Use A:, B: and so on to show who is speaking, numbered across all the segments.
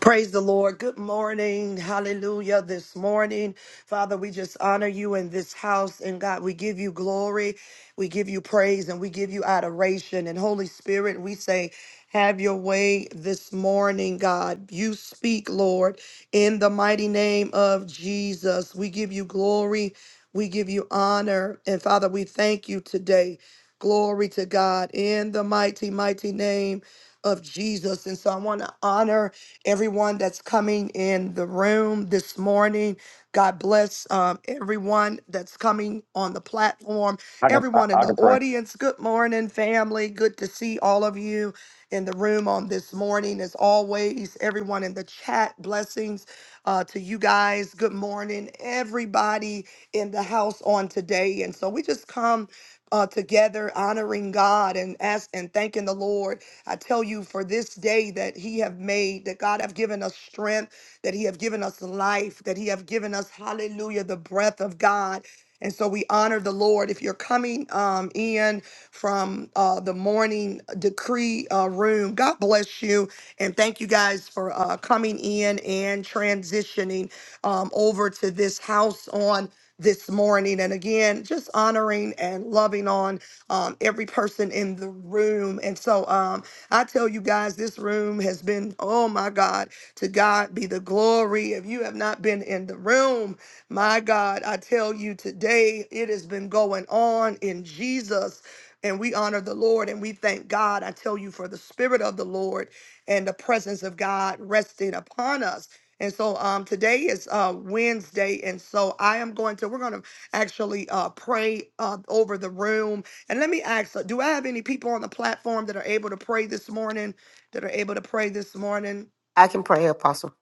A: Praise the Lord. Good morning. Hallelujah. This morning, Father, we just honor you in this house. And God, we give you glory, we give you praise, and we give you adoration. And Holy Spirit, we say, have your way this morning, God. You speak, Lord, in the mighty name of Jesus. We give you glory. We give you honor. And Father, we thank you today. Glory to God in the mighty, mighty name of Jesus. And so I want to honor everyone that's coming in the room this morning. God bless um, everyone that's coming on the platform,
B: I can I,
A: everyone in
B: I
A: the
B: can pray.
A: audience. Good morning, family. Good to see all of you in the room on this morning. As always, everyone in the chat, blessings uh, to you guys. Good morning, everybody in the house on today. And so we just come uh, together honoring God and ask and thanking the Lord I tell you for this day that he have made, that God have given us strength, that he have given us life, that he have given us, hallelujah, the breath of God. And so we honor the Lord. If you're coming um, in from uh, the morning decree uh, room, God bless you. And thank you guys for uh, coming in and transitioning um, over to this house on this morning. And again, just honoring and loving on um, every person person in the room. And so um, I tell you guys, this room has been, oh my God, to God be the glory. If you have not been in the room, my God, I tell you today, it has been going on in Jesus. And we honor the Lord and we thank God. I tell you for the Spirit of the Lord and the presence of God resting upon us. And so um, today is uh, Wednesday. And so I am going to, we're going to actually uh, pray uh, over the room and let me ask, uh, do I have any people on the platform that are able to pray this morning? That are able to pray this morning?
C: I can pray, Apostle.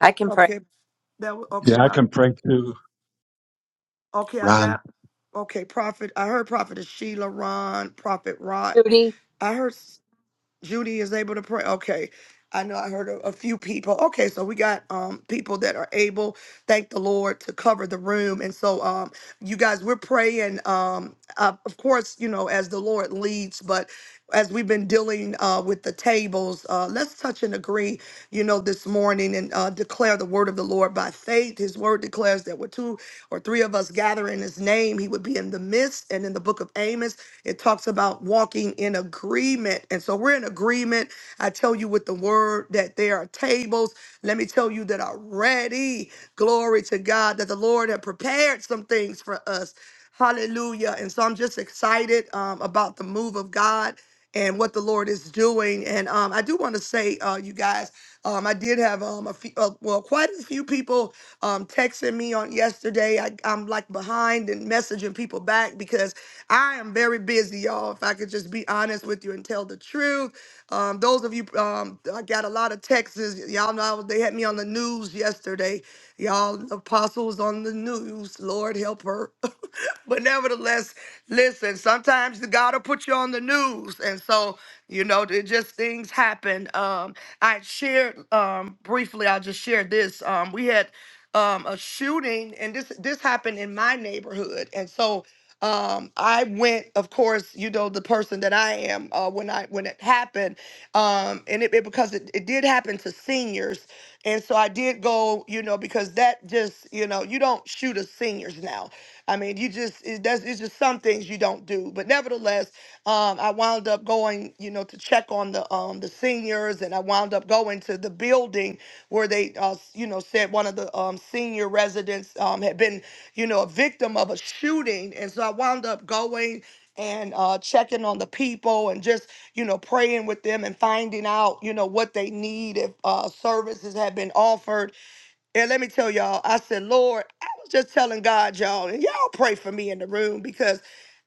D: I can pray.
A: Okay, that w- okay.
E: Yeah, I
A: Well,
E: can pray too,
A: okay, I
E: Ron.
A: got okay. Prophet, I heard Prophet Sheila Ron, Prophet Rod.
D: Rudy,
A: I heard. Judy is able to pray. Okay. I know I heard a, a few people. Okay, so we got um people that are able, thank the Lord, to cover the room. And so um you guys, we're praying um uh, of course, you know, as the Lord leads, but as we've been dealing uh with the tables, uh let's touch and agree, you know, this morning and uh declare the word of the Lord by faith. His word declares that we're two or three of us gather in his name, he would be in the midst. And in the book of Amos, it talks about walking in agreement. And so we're in agreement. I tell you with the word that there are tables. Let me tell you that are ready. Glory to God that the Lord had prepared some things for us. Hallelujah. And so I'm just excited um, about the move of God and what the Lord is doing. And um, I do want to say, uh, you guys, um, I did have um, a few, uh, well, quite a few people um, texting me on yesterday. I, I'm like behind and messaging people back because I am very busy, y'all. If I could just be honest with you and tell the truth, um, those of you, um, I got a lot of texts. Y'all know I was, they had me on the news yesterday. Y'all, Apostle was on the news. Lord help her. but nevertheless, listen, sometimes the God will put you on the news. And so, you know, it just things happen. Um, I shared um briefly, I'll just share this. Um, we had um a shooting and this this happened in my neighborhood. And so um i went of course you know the person that i am uh when i when it happened um and it, it- because it, it did happen to seniors and so i did go you know because that just you know you don't shoot at seniors now i mean you just it does it's just some things you don't do but nevertheless um i wound up going you know to check on the um the seniors and i wound up going to the building where they uh s- you know said one of the um senior residents um had been you know, a victim of a shooting. And so I wound up going and uh, checking on the people and just, you know, praying with them and finding out, you know, what they need if uh, services have been offered and let me tell y'all, I said, Lord, I was just telling God, y'all, and y'all pray for me in the room because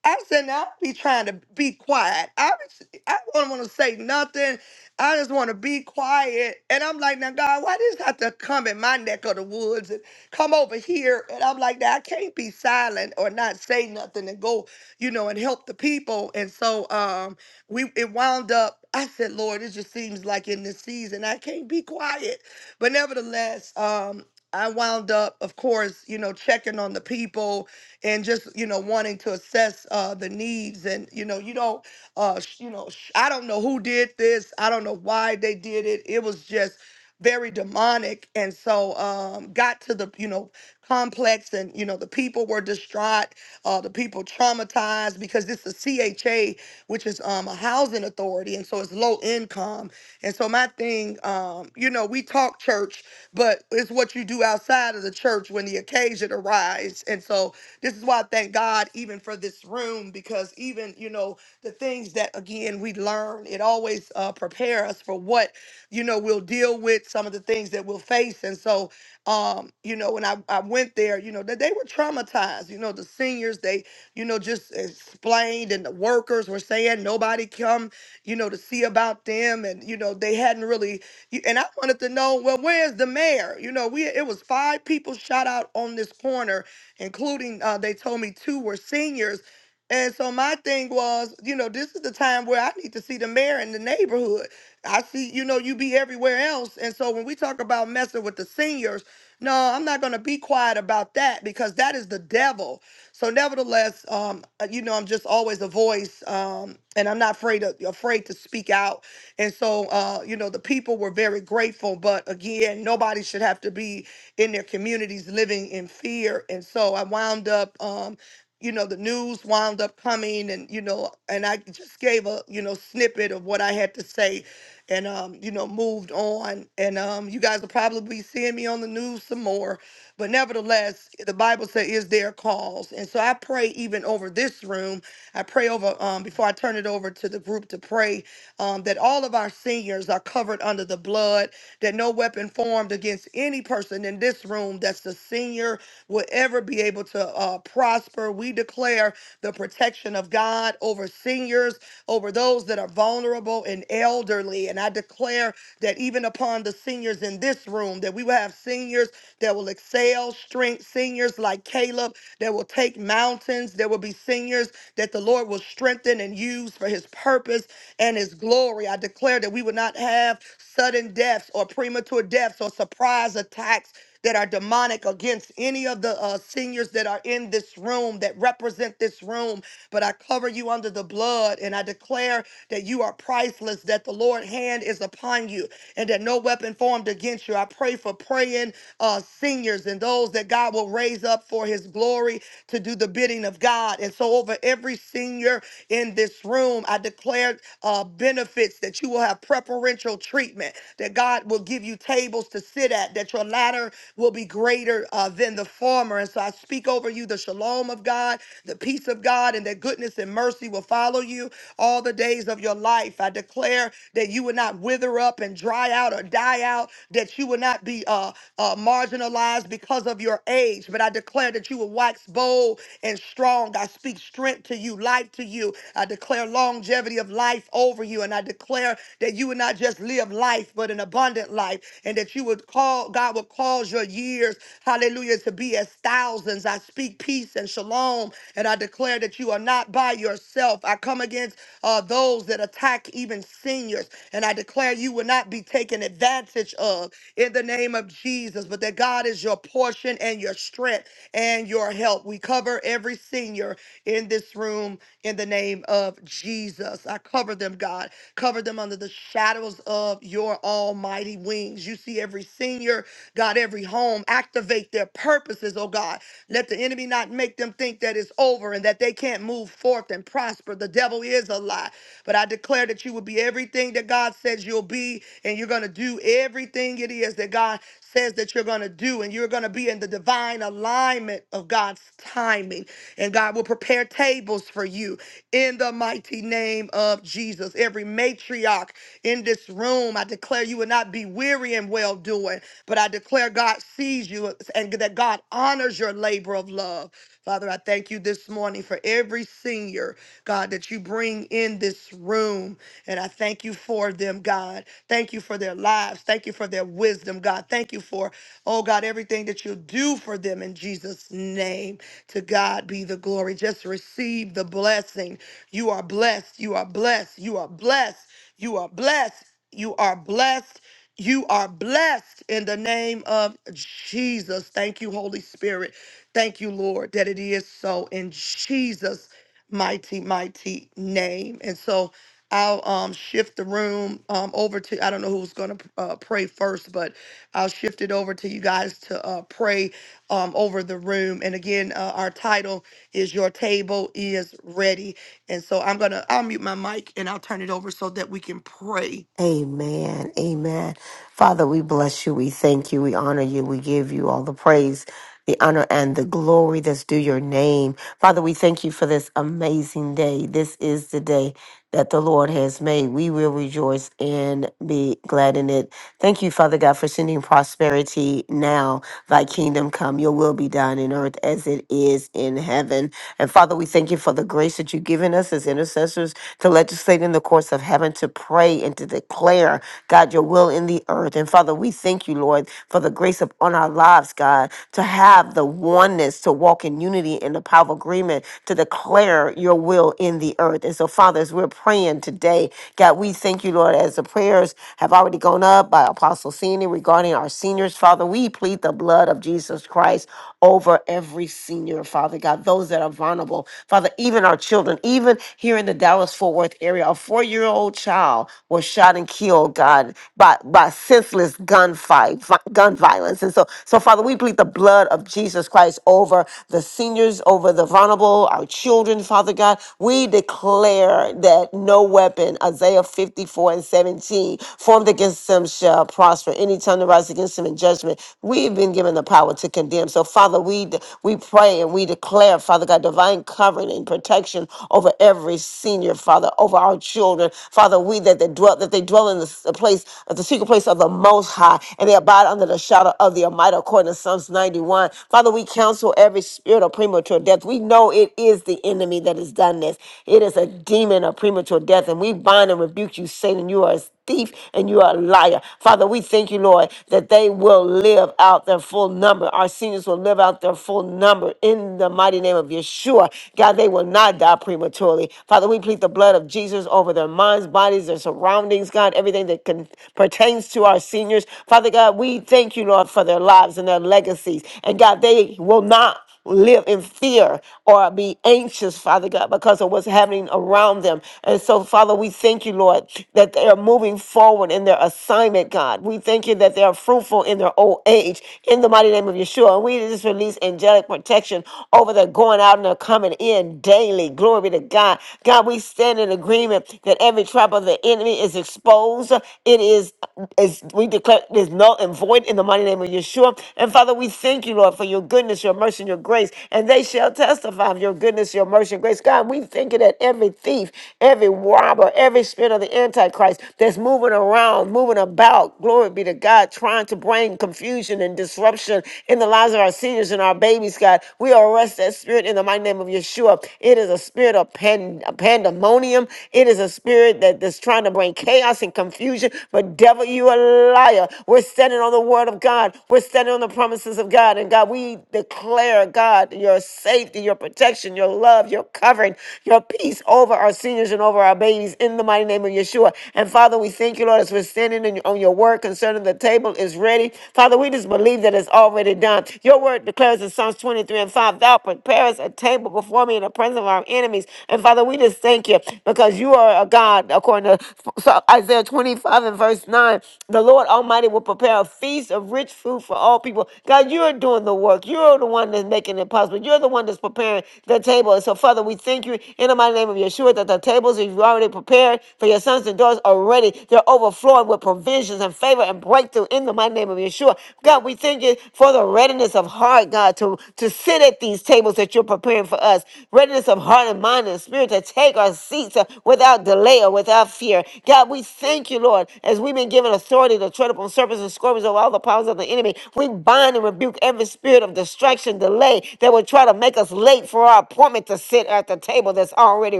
A: I said, now I be trying to be quiet. I be- I don't want to say nothing. I just want to be quiet. And I'm like, now God, why does this have to come in my neck of the woods and come over here? And I'm like, now I can't be silent or not say nothing and go, you know, and help the people. And so um we it wound up. I said, Lord, it just seems like in this season I can't be quiet. But nevertheless, um, I wound up, of course, you know, checking on the people and just, you know, wanting to assess uh, the needs. And, you know, you don't, uh, sh- you know, sh- I don't know who did this. I don't know why they did it. It was just very demonic. And so um, got to the, you know, complex and, you know, the people were distraught. Uh, the people traumatized because this is CHA, which is um, a housing authority. And so it's low income and so my thing, um, you know, we talk church, but it's what you do outside of the church when the occasion arrives. And so this is why I thank God even for this room because even you know the things that again we learn, it always uh, prepare us for what you know we'll deal with, some of the things that we'll face. And so um, you know, when I, I went there, you know, that they were traumatized. You know, the seniors they you know just explained, and the workers were saying nobody come you know, to see about them. And, you know, they hadn't really, and I wanted to know, well, where's the mayor? You know, we, it was five people shot out on this corner, including, uh, they told me two were seniors. And so my thing was, you know, this is the time where I need to see the mayor in the neighborhood. I see, you know, you be everywhere else. And so when we talk about messing with the seniors, no, I'm not going to be quiet about that because that is the devil so, nevertheless, um, uh, you know, I'm just always a voice, um, and I'm not afraid to, afraid to speak out. And so, uh, you know, the people were very grateful. But again, nobody should have to be in their communities living in fear. And so, I wound up. Um, you know the news wound up coming and you know and i just gave a you know snippet of what i had to say and um you know moved on and um you guys will probably be seeing me on the news some more but nevertheless, the Bible says, "Is their cause?" And so I pray even over this room. I pray over um, before I turn it over to the group to pray um, that all of our seniors are covered under the blood. That no weapon formed against any person in this room that's a senior will ever be able to uh, prosper. We declare the protection of God over seniors, over those that are vulnerable and elderly. And I declare that even upon the seniors in this room, that we will have seniors that will excel strength seniors like Caleb that will take mountains. There will be seniors that the Lord will strengthen and use for his purpose and his glory. I declare that we will not have sudden deaths or premature deaths or surprise attacks that are demonic against any of the uh, seniors that are in this room that represent this room. But I cover you under the blood and I declare that you are priceless, that the Lord's hand is upon you and that no weapon formed against you. I pray for praying uh, seniors and those that God will raise up for his glory to do the bidding of God. And so, over every senior in this room, I declare uh, benefits that you will have preferential treatment, that God will give you tables to sit at, that your latter will be greater uh, than the former. And so, I speak over you the shalom of God, the peace of God, and that goodness goodness and mercy will follow you all the days of your life. I declare that you will not wither up and dry out or die out, that you will not be uh, uh, marginalized because of your age, but I declare that you will wax bold and strong. I speak strength to you, life to you. I declare longevity of life over you, and I declare that you will not just live life, but an abundant life, and that you would call, God will cause your years years, hallelujah, to be as thousands. I speak peace and shalom, and I declare that you are not by yourself. I come against uh, those that attack even seniors, and I declare you will not be taken advantage of in the name of Jesus, but that God is your portion and your strength and your help. We cover every senior in this room in the name of Jesus. I cover them, God. Cover them cover them under the shadows of your almighty wings. You see every senior, God, every home, activate their purposes, oh God. Let the enemy not make them think that it's over and that they can't move forth and prosper. The devil is a lie. But I declare that you will be everything that God says you'll be, and you're going to do everything it is that God says that you're going to do, and you're going to be in the divine alignment of God's timing. And God will prepare tables for you in the mighty name of Jesus. Every matriarch in this room, I declare you will not be weary in well doing, but I declare God sees you and that God honors your labor of love. Father, I thank you this morning for every senior God, that you bring in this room. And I thank you for them, God. Thank you for their lives. Thank you for their wisdom, God. Thank you for, oh God, everything that you'll do for them in Jesus' name. To God be the glory. Just receive the blessing. You are blessed. You are blessed. You are blessed. You are blessed. You are blessed. You are blessed in the name of Jesus. Thank you, Holy Spirit. Thank you, Lord, that it is so in Jesus' mighty, mighty name. And so I'll um, shift the room um, over to, I don't know who's going to uh, pray first, but I'll shift it over to you guys to uh, pray um, over the room. And again, uh, our title is Your Table is Ready. And so I'm going to, I'll mute my mic and I'll turn it over so that we can pray.
C: Amen. Amen. Father, we bless you. We thank you. We honor you. We give you all the praise. the honor and the glory that's due your name. Father, we thank you for this amazing day. This is the day that the Lord has made. We will rejoice and be glad in it. Thank you, Father God, for sending prosperity now. Thy kingdom come, your will be done in earth as it is in heaven. And Father, we thank you for the grace that you've given us as intercessors to legislate in the courts of heaven, to pray and to declare, God, your will in the earth. And Father, we thank you, Lord, for the grace upon our lives, God, to have the oneness, to walk in unity in the power of agreement, to declare your will in the earth. And so, Father, as we're praying today, God, we thank you, Lord, as the prayers have already gone up by Apostle Senior regarding our seniors, Father, we plead the blood of Jesus Christ over every senior, Father God, those that are vulnerable, Father, even our children, even here in the Dallas Fort Worth area, a four year old child was shot and killed, God, by, by by senseless gunfight, vi- gun violence. And so, so Father, we plead the blood of Jesus Christ over the seniors, over the vulnerable, our children, Father God. We declare that no weapon, Isaiah 54 and 17, formed against them shall prosper. Any tongue that rises against them in judgment, we've been given the power to condemn. So, Father, we de- we pray and we declare, Father God, divine covering and protection over every senior, Father, over our children, Father. We that dwell dwell that they dwell in the s- place the secret place of the most high and they abide under the shadow of the almighty according to psalms 91 father we counsel every spirit of premature death we know it is the enemy that has done this it is a demon of premature death and we bind and rebuke you satan you are a thief and you are a liar father we thank you lord that they will live out their full number our seniors will live out their full number in the mighty name of yeshua god they will not die prematurely father we plead the blood of of Jesus over their minds, bodies, their surroundings, God, everything that can, pertains to our seniors. Father God, we thank you, Lord, for their lives and their legacies. And God, they will not live in fear or be anxious, Father God, because of what's happening around them. And so, Father, we thank you, Lord, that they are moving forward in their assignment, God. We thank you that they are fruitful in their old age in the mighty name of Yeshua. And we just release angelic protection over their going out and their coming in daily daily. Glory to God. God, we stand in agreement that every trap of the enemy is exposed. It is, is we declare it is null and void in the mighty name of Yeshua. And Father, we thank you, Lord, for your goodness, your mercy, and your grace. And they shall testify of your goodness, your mercy, and grace. God, we thank you that every thief, every robber, every spirit of the Antichrist that's moving around, moving about, glory be to God, trying to bring confusion and disruption in the lives of our seniors and our babies, God. We arrest cast that spirit in the mighty name of Yeshua. It is a spirit of pan, pandemonium. It is a spirit that is trying to bring chaos and confusion. But devil, you a liar. We're standing on the word of God. We're standing on the promises of God. And God, we declare, God, your safety, your protection, your love, your covering, your peace over our seniors and over our babies in the mighty name of Yeshua. And Father, we thank you, Lord, as we're standing in, on your word concerning the table is ready. Father, we just believe that it's already done. Your word declares in Psalms 23 and 5, Thou preparest a table before me in the presence of our enemies. And Father, we just thank you because you are a God, according to so Isaiah 25 and verse 9. The Lord Almighty will prepare a feast of rich food for all people. God, you are doing the work. You're the one that's making it possible. You're the one that's preparing the table. And so, Father, we thank you in the mighty name of Yeshua that the tables that you've already prepared for your sons and daughters are ready. They're overflowing with provisions and favor and breakthrough in the mighty name of Yeshua sure. God, we thank you for the readiness of heart, God, to, to sit at these tables that you're preparing for us. Readiness of heart and mind and spirit to take our seats uh, without delay or without fear. God, we thank you, Lord, as we've been given authority to tread upon serpents and scorpions over all the powers of the enemy. We bind and rebuke every spirit of distraction, delay that would try to make us late for our appointment to sit at the table that's already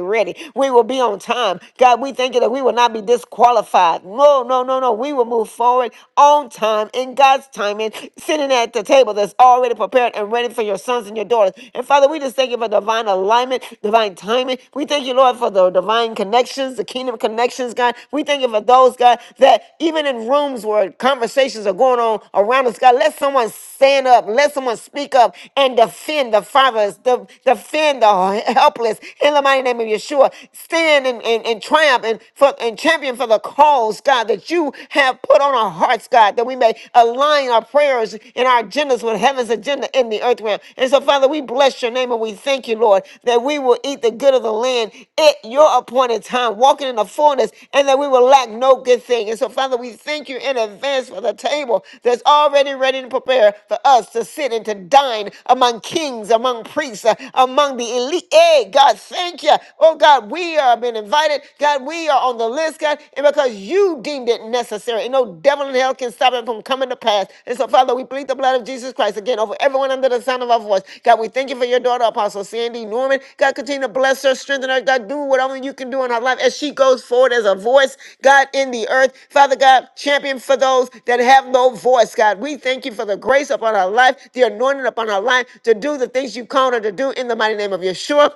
C: ready. We will be on time. God, we thank you that we will not be disqualified. No, no, no, no. We will will move forward on time in God's timing, sitting at the table that's already prepared and ready for your sons and your daughters. And Father, we just thank you for divine alignment, divine timing. We thank you, Lord, for the divine connections, the kingdom connections, God. We thank you for those, God, that even in rooms where conversations are going on around us, God, let someone stand up, let someone speak up and defend the fathers, de- defend the helpless in the mighty name of Yeshua. Stand and, and, and triumph and, for, and champion champion for the cause, God, that you have put on our hearts, God, that we may align our prayers and our agendas with heaven's agenda in the earth realm. And so, Father, we bless your name and we thank you, Lord, that we will eat the good of the land at your appointed time, walking in the fullness, and that we will lack no good thing. And so, Father, we thank you in advance for the table that's already ready to prepare for us to sit and to dine among kings, among priests, uh, among the elite. Hey, God, thank you. Oh, God, we are have been invited. God, we are on the list, God, and because you deemed it necessary. And no devil in hell can stop it from coming to pass. And so, Father, we plead the blood of Jesus Christ again over everyone under the sound of our voice. God, we thank you for your daughter, Apostle Sandy Norman. God, continue to bless her, strengthen her. God, do what only you can do in her life as she goes forward as a voice, God, in the earth. Father God, champion for those that have no voice, God. We thank you for the grace upon her life, the anointing upon her life to do the things you called her to do in the mighty name of Yeshua.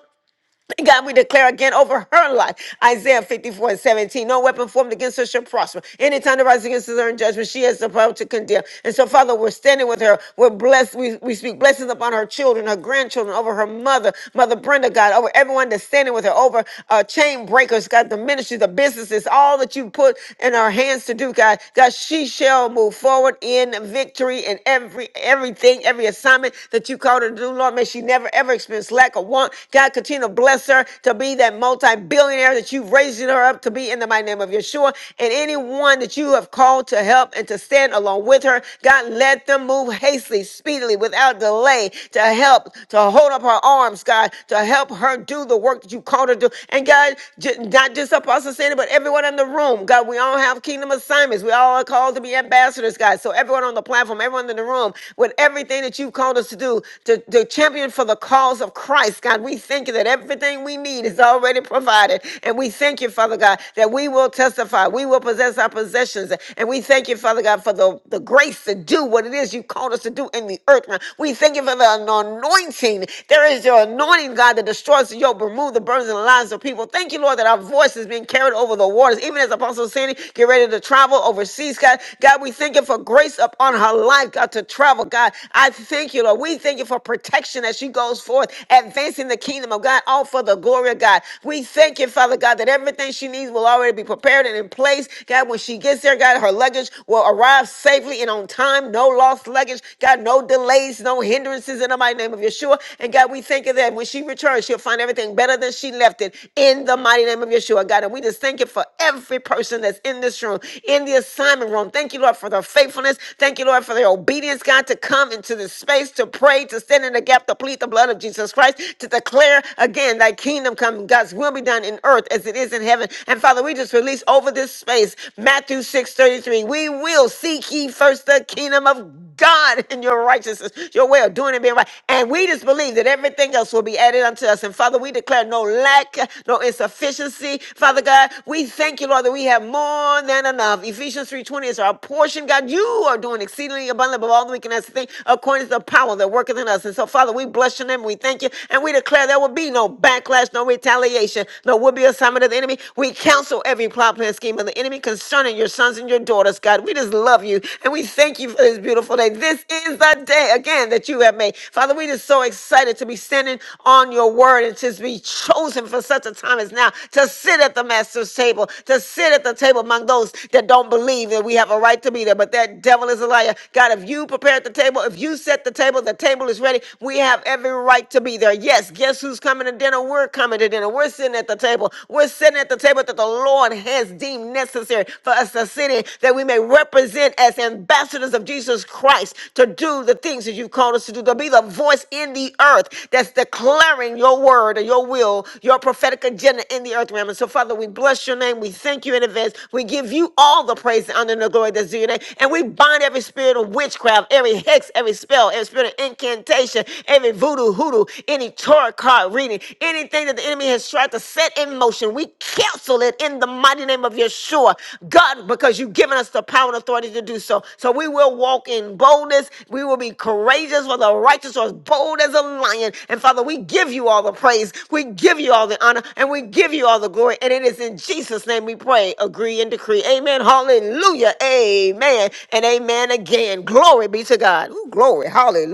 C: God, we declare again over her life. Isaiah 54 and 17. No weapon formed against her shall prosper. Any time that rises against her in judgment, she has the power to condemn. And so, Father, we're standing with her. We're blessed. We, we speak blessings upon her children, her grandchildren, over her mother, Mother Brenda, God, over everyone that's standing with her, over uh, chain breakers, God, the ministry, the businesses, all that you put in our hands to do, God. God, she shall move forward in victory in every everything, every assignment that you called her to do, Lord. May she never ever experience lack or want. God, Continue to bless her to be that multi billionaire that you've raised her up to be in the mighty name of Yeshua. And anyone that you have called to help and to stand along with her, God, let them move hastily, speedily, without delay to help, to hold up her arms, God, to help her do the work that you called her to do. And God, j- not just Apostle Sandy, but everyone in the room, God, we all have kingdom assignments. We all are called to be ambassadors, God. So everyone on the platform, everyone in the room, with everything that you've called us to do, to, to champion for the cause of Christ, God. God, we thank you that everything we need is already provided. And we thank you, Father God, that we will testify. We will possess our possessions. And we thank you, Father God, for the, the grace to do what it is you called us to do in the earth. realm. We thank you for the anointing. There is your anointing, God, that destroys the yoke, remove the burdens and the lives of people. Thank you, Lord, that our voice is being carried over the waters. Even as Apostle Sandy get ready to travel overseas, God, God, we thank you for grace upon her life, God, to travel. God, I thank you, Lord. We thank you for protection as she goes forth advancing the kingdom of God, all for the glory of God. We thank you, Father God, that everything she needs will already be prepared and in place. God, when she gets there, God, her luggage will arrive safely and on time. No lost luggage. God, no delays, no hindrances in the mighty name of Yeshua. And God, we thank you that when she returns, she'll find everything better than she left it in the mighty name of Yeshua. God, and we just thank you for every person that's in this room, in the assignment room. Thank you, Lord, for their faithfulness. Thank you, Lord, for their obedience, God, to come into this space to pray, to stand in the gap, to plead plead the blood of Jesus Christ to declare again thy kingdom come, God's will be done in earth as it is in heaven. And Father, we just release over this space Matthew 6 33. We will seek ye first the kingdom of God and your righteousness, your way of doing and being right. And we just believe that everything else will be added unto us. And Father, we declare no lack, no insufficiency. Father God, we thank you, Lord, that we have more than enough. Ephesians 3.20 is our portion. God, you are doing exceedingly abundant above all that we can ask to think according to the power that worketh in us. And so, so, Father, we bless your name. We thank you. And we declare there will be no backlash, no retaliation, no will be assignment of the enemy. We counsel every plot, plan, scheme of the enemy concerning your sons and your daughters, God. We just love you. And we thank you for this beautiful day. This is the day, again, that you have made. Father, we just so excited to be standing on your word and to be chosen for such a time as now to sit at the master's table, to sit at the table among those that don't believe that we have a right to be there. But that devil is a liar. God, if you prepared the table, if you set the table, the table table is ready. We have every right to be there. Yes, guess who's coming to dinner? We're coming to dinner. We're sitting at the table. We're sitting at the table that the Lord has deemed necessary for us to sit in, that we may represent as ambassadors of Jesus Christ to do the things that you've called us to do, to be the voice in the earth that's declaring your word or your will, your prophetic agenda in the earth realm. And so, Father, we bless your name. We thank you in advance. We give you all the praise, the honor, and the glory that's due your name. And we bind every spirit of witchcraft, every hex, every spell, spirit of incantation, every voodoo hoodoo, any tarot card reading, anything that the enemy has tried to set in motion, we cancel it in the mighty name of Yeshua. God, because you've given us the power and authority to do so. So we will walk in boldness. We will be courageous for the righteous are as bold as a lion. And Father, we give you all the praise. We give you all the honor and we give you all the glory. And it is in Jesus' name we pray, agree and decree. Amen. Hallelujah. Amen. And amen again. Glory be to God. Ooh,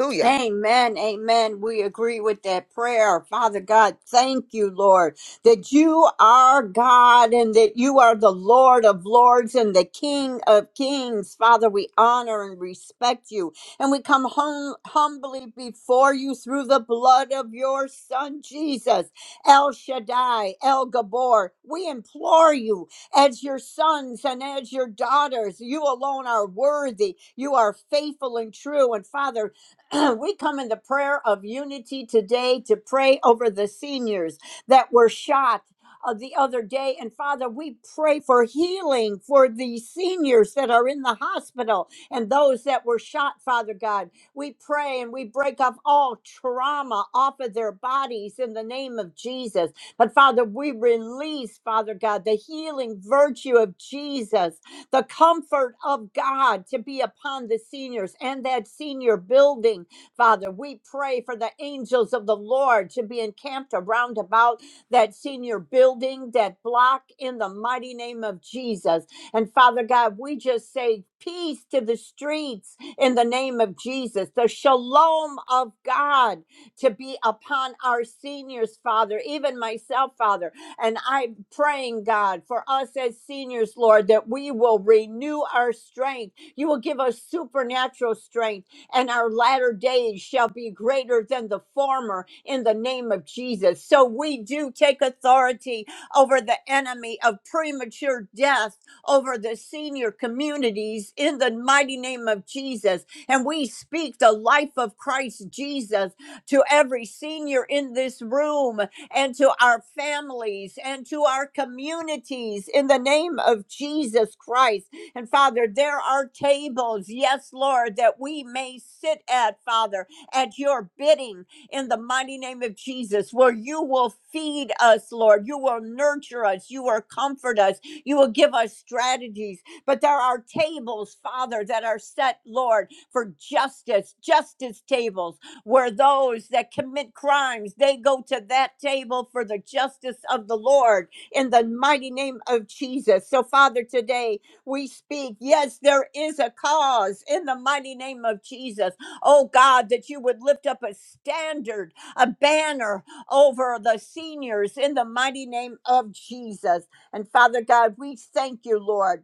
C: Hallelujah.
D: Amen. Amen. We agree with that prayer. Father God, thank you, Lord, that you are God and that you are the Lord of lords and the King of kings. Father, we honor and respect you. And we come home humbly before you through the blood of your son, Jesus, El Shaddai, El Gabor. We implore you as your sons and as your daughters. You alone are worthy. You are faithful and true. And Father, we come in the prayer of unity today to pray over the seniors that were shot. uh, the other day, and Father, we pray for healing for the seniors that are in the hospital and those that were shot, Father God. We pray and we break up all trauma off of their bodies in the name of Jesus. But Father, we release, Father God, the healing virtue of Jesus the comfort of God to be upon the seniors and that senior building, Father. We pray for the angels of the Lord to be encamped around about that senior building, that block in the mighty name of Jesus. And Father God, we just say peace to the streets in the name of Jesus, the shalom of God to be upon our seniors, Father, even myself, Father. And I'm praying, God, for us as seniors, Lord, that we will renew our strength. You will give us supernatural strength, and our latter days shall be greater than the former in the name of Jesus. So we do take authority over the enemy of premature death over the senior communities in the mighty name of Jesus. And we speak the life of Christ Jesus to every senior in this room and to our families and to our communities in the name of Jesus Christ. And Father, there are tables, yes, Lord, that we may sit at, Father, at your bidding in the mighty name of Jesus, where you will feed us, Lord. You will nurture us. You will comfort us. You will give us strategies. But there are tables, Father, that are set, Lord, for justice, justice tables where those that commit crimes they go to that table for the justice of the Lord in the mighty name of Jesus. So Father, today we speak, yes, there is a cause in the mighty name of Jesus. Oh God, that you would lift up a standard, a banner over the seniors in the mighty name of Jesus. And Father God, we thank you, Lord.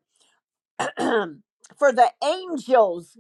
D: for the angels.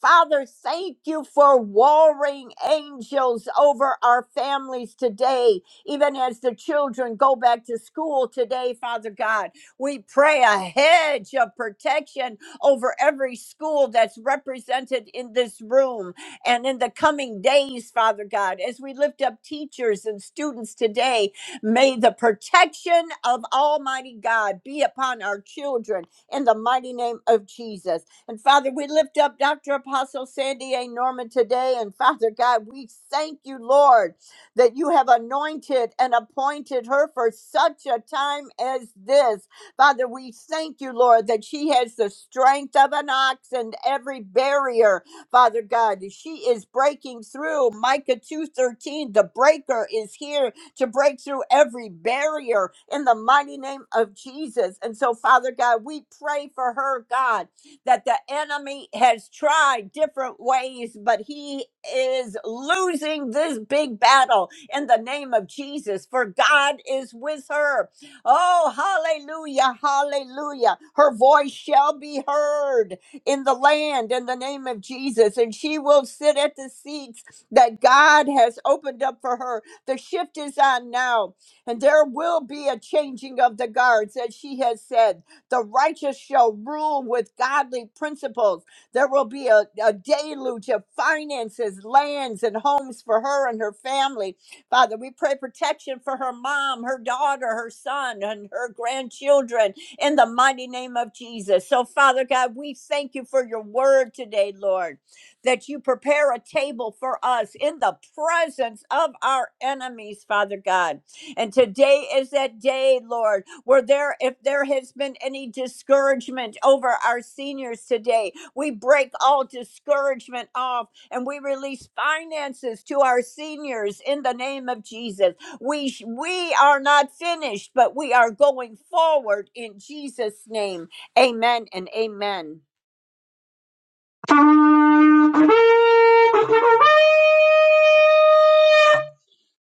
D: Father, thank you for warring angels over our families today, even as the children go back to school today, Father God. We pray a hedge of protection over every school that's represented in this room and in the coming days, Father God. As we lift up teachers and students today, may the protection of Almighty God be upon our children in the mighty name of Jesus. And Father, we lift up Dr. Apostle Sandy A. Norman today. And Father God, we thank you, Lord, that you have anointed and appointed her for such a time as this. Father, we thank you, Lord, that she has the strength of an ox and every barrier. Father God, she is breaking through. Micah 2:13, the breaker is here to break through every barrier in the mighty name of Jesus. And so, Father God, we pray for her, God, that the enemy has tried different ways, but he is losing this big battle in the name of Jesus, for God is with her. Oh, hallelujah, hallelujah. Her voice shall be heard in the land in the name of Jesus, and she will sit at the seats that God has opened up for her. The shift is on now, and there will be a changing of the guards, as she has said. The righteous shall rule with godly principles. There will be a, a deluge of finances, lands, and homes for her and her family. Father, we pray protection for her mom, her daughter, her son, and her grandchildren in the mighty name of Jesus. So, Father God, we thank you for your word today, Lord that you prepare a table for us in the presence of our enemies, Father God. And today is that day, Lord, where there, if there has been any discouragement over our seniors today, we break all discouragement off and we release finances to our seniors in the name of Jesus. We, sh- we are not finished, but we are going forward in Jesus' name. Amen and amen.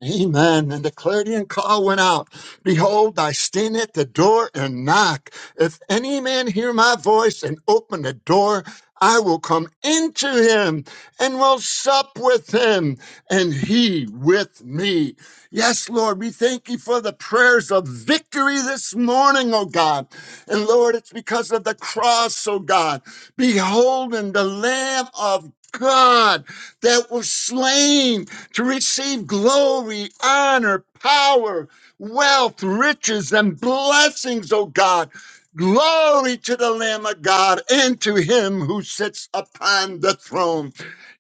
E: Amen. And the clarion call went out. Behold, I stand at the door and knock. If any man hear my voice and open the door, I will come into him and will sup with him and he with me. Yes, Lord, we thank you for the prayers of victory this morning, oh God. And Lord, it's because of the cross, oh God. Behold, and the Lamb of God that was slain to receive glory, honor, power, wealth, riches, and blessings, O God. Glory to the Lamb of God and to him who sits upon the throne.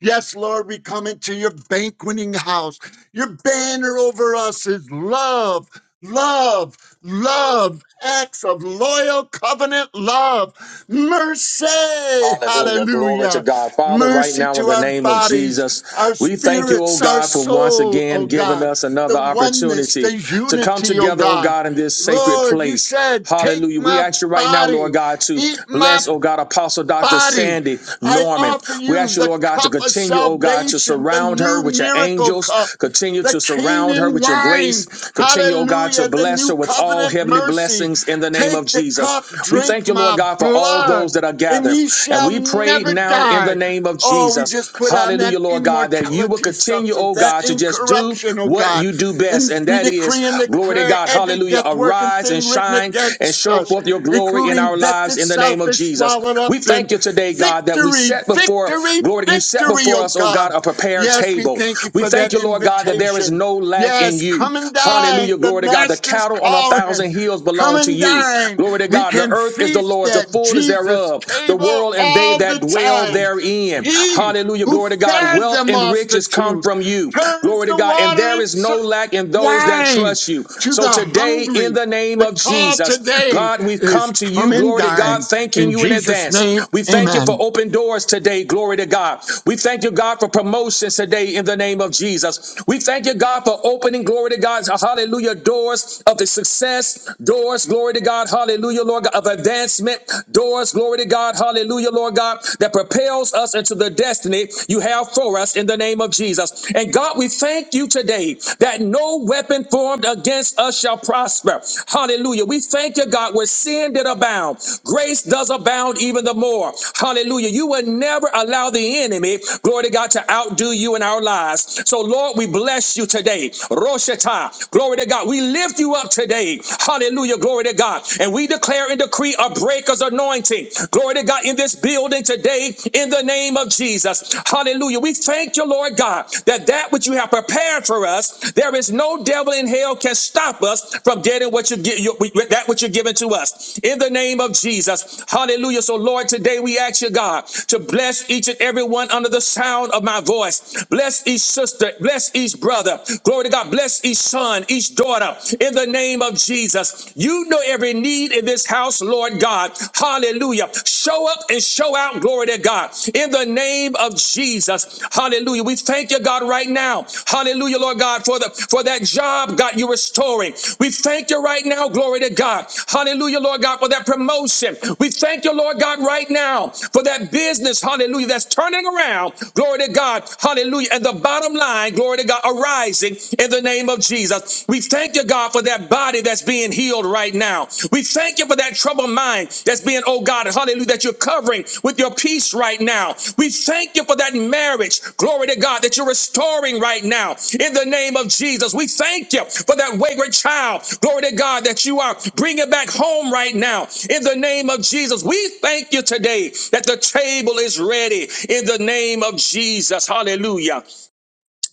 E: Yes, Lord, we come into your banqueting house. Your banner over us is love, love, love, acts of loyal covenant love, mercy,
B: Hallelujah. Glory to
E: hallelujah,
B: God. Father, right
E: mercy
B: now
E: to
B: in the
E: our
B: name of
E: bodies,
B: Jesus,
E: our
B: we thank you, oh
E: spirits, our
B: God, for once
E: soul, oh
B: again giving
E: God,
B: us another
E: the oneness,
B: opportunity
E: the
B: to come
E: unity, oh
B: together, oh
E: God.
B: God, in this sacred
E: Lord, you
B: place.
E: said, take
B: Hallelujah. We
E: my
B: ask you right now, Lord
E: body,
B: God, to
E: eat my
B: bless, oh God, Apostle Dr.
E: body.
B: Sandy
E: I
B: Norman.
E: offer
B: We
E: you
B: ask you,
E: the
B: Lord God, to
E: cup of
B: continue, oh God, to
E: salvation, the
B: surround her
E: new
B: with your
E: miracle cup,
B: angels, continue
E: the
B: to surround her
E: Canaan
B: with your grace,
E: wine.
B: continue, oh God, to
E: Hallelujah. The
B: bless
E: new
B: her with all
E: covenant
B: heavenly
E: mercy.
B: blessings in the name
E: Take
B: of
E: the
B: Jesus.
E: cup,
B: We
E: drink
B: thank you, Lord
E: my
B: God, for all those
E: blood,
B: that are
E: and
B: gathered.
E: ye
B: And
E: shall
B: we pray
E: never
B: now in the
E: die.
B: name of
E: Oh, we
B: Jesus.
E: just put on that
B: Hallelujah, Lord God, that you will
E: immortality
B: continue,
E: substance,
B: oh
E: that
B: God, to just do
E: incorruption, oh
B: what
E: God.
B: you do
E: And
B: best. And
E: we
B: that is,
E: decree and
B: glory to
E: declare
B: God,
E: every
B: hallelujah,
E: death working
B: arise and
E: thing written
B: shine and
E: against
B: show
E: us
B: forth your glory in our
E: including death
B: lives in the name
E: itself,
B: of
E: is
B: Jesus.
E: swallowed up
B: We
E: in.
B: thank you today, God, that we
E: Victory,
B: set before,
E: victory,
B: glory, you set
E: victory,
B: before
E: oh
B: us, oh God,
E: God.
B: a prepared
E: Yes, we
B: table.
E: thank you
B: We
E: for
B: thank
E: that
B: you, Lord God, that there is
E: invitation.
B: no lack in
E: Yes,
B: you.
E: come and dine.
B: Hallelujah,
E: The
B: glory to God. The
E: Master's
B: cattle on a
E: calling.
B: thousand hills
E: Come
B: belong to
E: and
B: you.
E: dine.
B: Glory to God.
E: We
B: God. The
E: can
B: earth is the
E: feast
B: Lord's, the
E: at
B: fullness
E: Jesus'
B: thereof, the
E: table
B: world and they
E: all the
B: that dwell
E: time.
B: therein.
E: He
B: Hallelujah.
E: who
B: Glory to God.
E: fed the
B: Wealth and riches come
E: multitude
B: from you.
E: turns
B: Glory to
E: the
B: God. And
E: water
B: there is no
E: into
B: lack in those that
E: wine
B: trust you.
E: to
B: So
E: the
B: today, in
E: hungry.
B: the name
E: The
B: of
E: call
B: Jesus,
E: today
B: God, we've
E: is
B: come to
E: come
B: you.
E: and
B: Glory to God.
E: dine.
B: Thanking
E: In
B: you in
E: Jesus'
B: advance.
E: name,
B: We thank you for
E: amen.
B: open doors today. Glory to God. We thank you, God, for promotions today in the name of Jesus. We thank you, God, for opening, glory to God, hallelujah, doors of the success, doors doors, glory to God, hallelujah, Lord God, of advancement, doors, glory to God, hallelujah, Lord God, that propels us into the destiny you have for us in the name of Jesus. And God, we thank you today that no weapon formed against us shall prosper. Hallelujah. We thank you, God, where sin did abound, grace does abound even the more. Hallelujah. You will never allow the enemy, glory to God, to outdo you in our lives. So, Lord, we bless you today. Roshata, glory to God. We lift lift you up today. Hallelujah. Glory to God. And we declare and decree a breaker's anointing. Glory to God in this building today in the name of Jesus. Hallelujah. We thank you, Lord God, that that which you have prepared for us, there is no devil in hell can stop us from getting what you get, you- that which you're giving to us in the name of Jesus. Hallelujah. So, Lord, today we ask you, God, to bless each and every one under the sound of my voice. Bless each sister. Bless each brother. Glory to God. Bless each each son, each daughter, in the name of Jesus. You know every need in this house, Lord God. Hallelujah. Show up and show out, glory to God, in the name of Jesus. Hallelujah. We thank you, God, right now. Hallelujah, Lord God, for the for that job, God, you're restoring. We thank you right now, glory to God. Hallelujah, Lord God, for that promotion. We thank you, Lord God, right now for that business, hallelujah, that's turning around, glory to God, hallelujah. And the bottom line, glory to God arising in the name of Jesus. We thank you, God, for that body that's being healed right now. We thank you for that troubled mind that's being, oh God, hallelujah, that you're covering with your peace right now. We thank you for that marriage, glory to God, that you're restoring right now in the name of Jesus. We thank you for that wayward child, glory to God, that you are bringing back home right now in the name of Jesus. We thank you today that the table is ready in the name of Jesus. Hallelujah.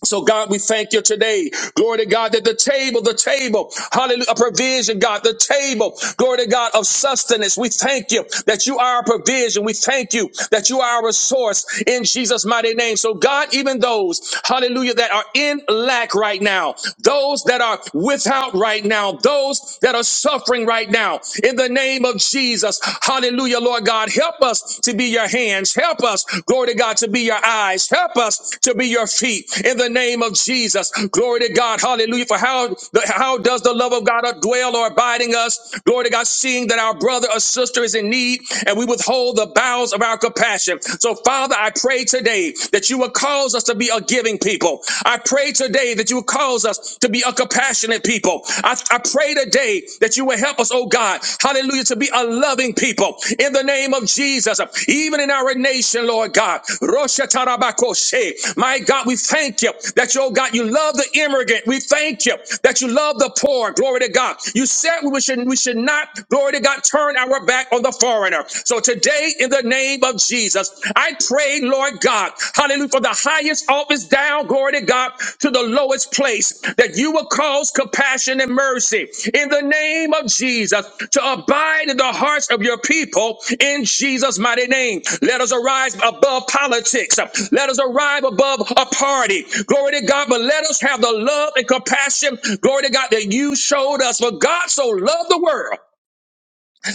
B: So God, we thank you today. Glory to God that the table, the table, hallelujah, a provision, God, the table, glory to God of sustenance. We thank you that you are our provision. We thank you that you are our source in Jesus' mighty name. So God, even those, hallelujah, that are in lack right now, those that are without right now, those that are suffering right now, in the name of Jesus, hallelujah, Lord God. God. Help us to be your hands. Help us, glory to God, to be your eyes. Help us to be your feet in the name of Jesus. Glory to God. Hallelujah. For how, the, how does the love of God dwell or abide in us? Glory to God, seeing that our brother or sister is in need and we withhold the bowels of our compassion. So, Father, I pray today that you will cause us to be a giving people. I pray today that you will cause us to be a compassionate compassionate people. I, I pray today that you will help us, oh God, hallelujah, to be a loving people in the name of Jesus, even in our nation, Lord God. Rosha tarabakoshe. My God, we thank you that, you, oh God, you love the immigrant. We thank you that you love the poor. Glory to God. You said we should, we should not, glory to God, turn our back on the foreigner. So today, in the name of Jesus, I pray, Lord. Lord God. Hallelujah. From the highest office down, glory to God, to the lowest place, that you will cause compassion and mercy in the name of Jesus to abide in the hearts of your people in Jesus' mighty name. Let us arise above politics. Let us arrive above a party. Glory to God. But let us have the love and compassion, glory to God, that you showed us. For God so loved the world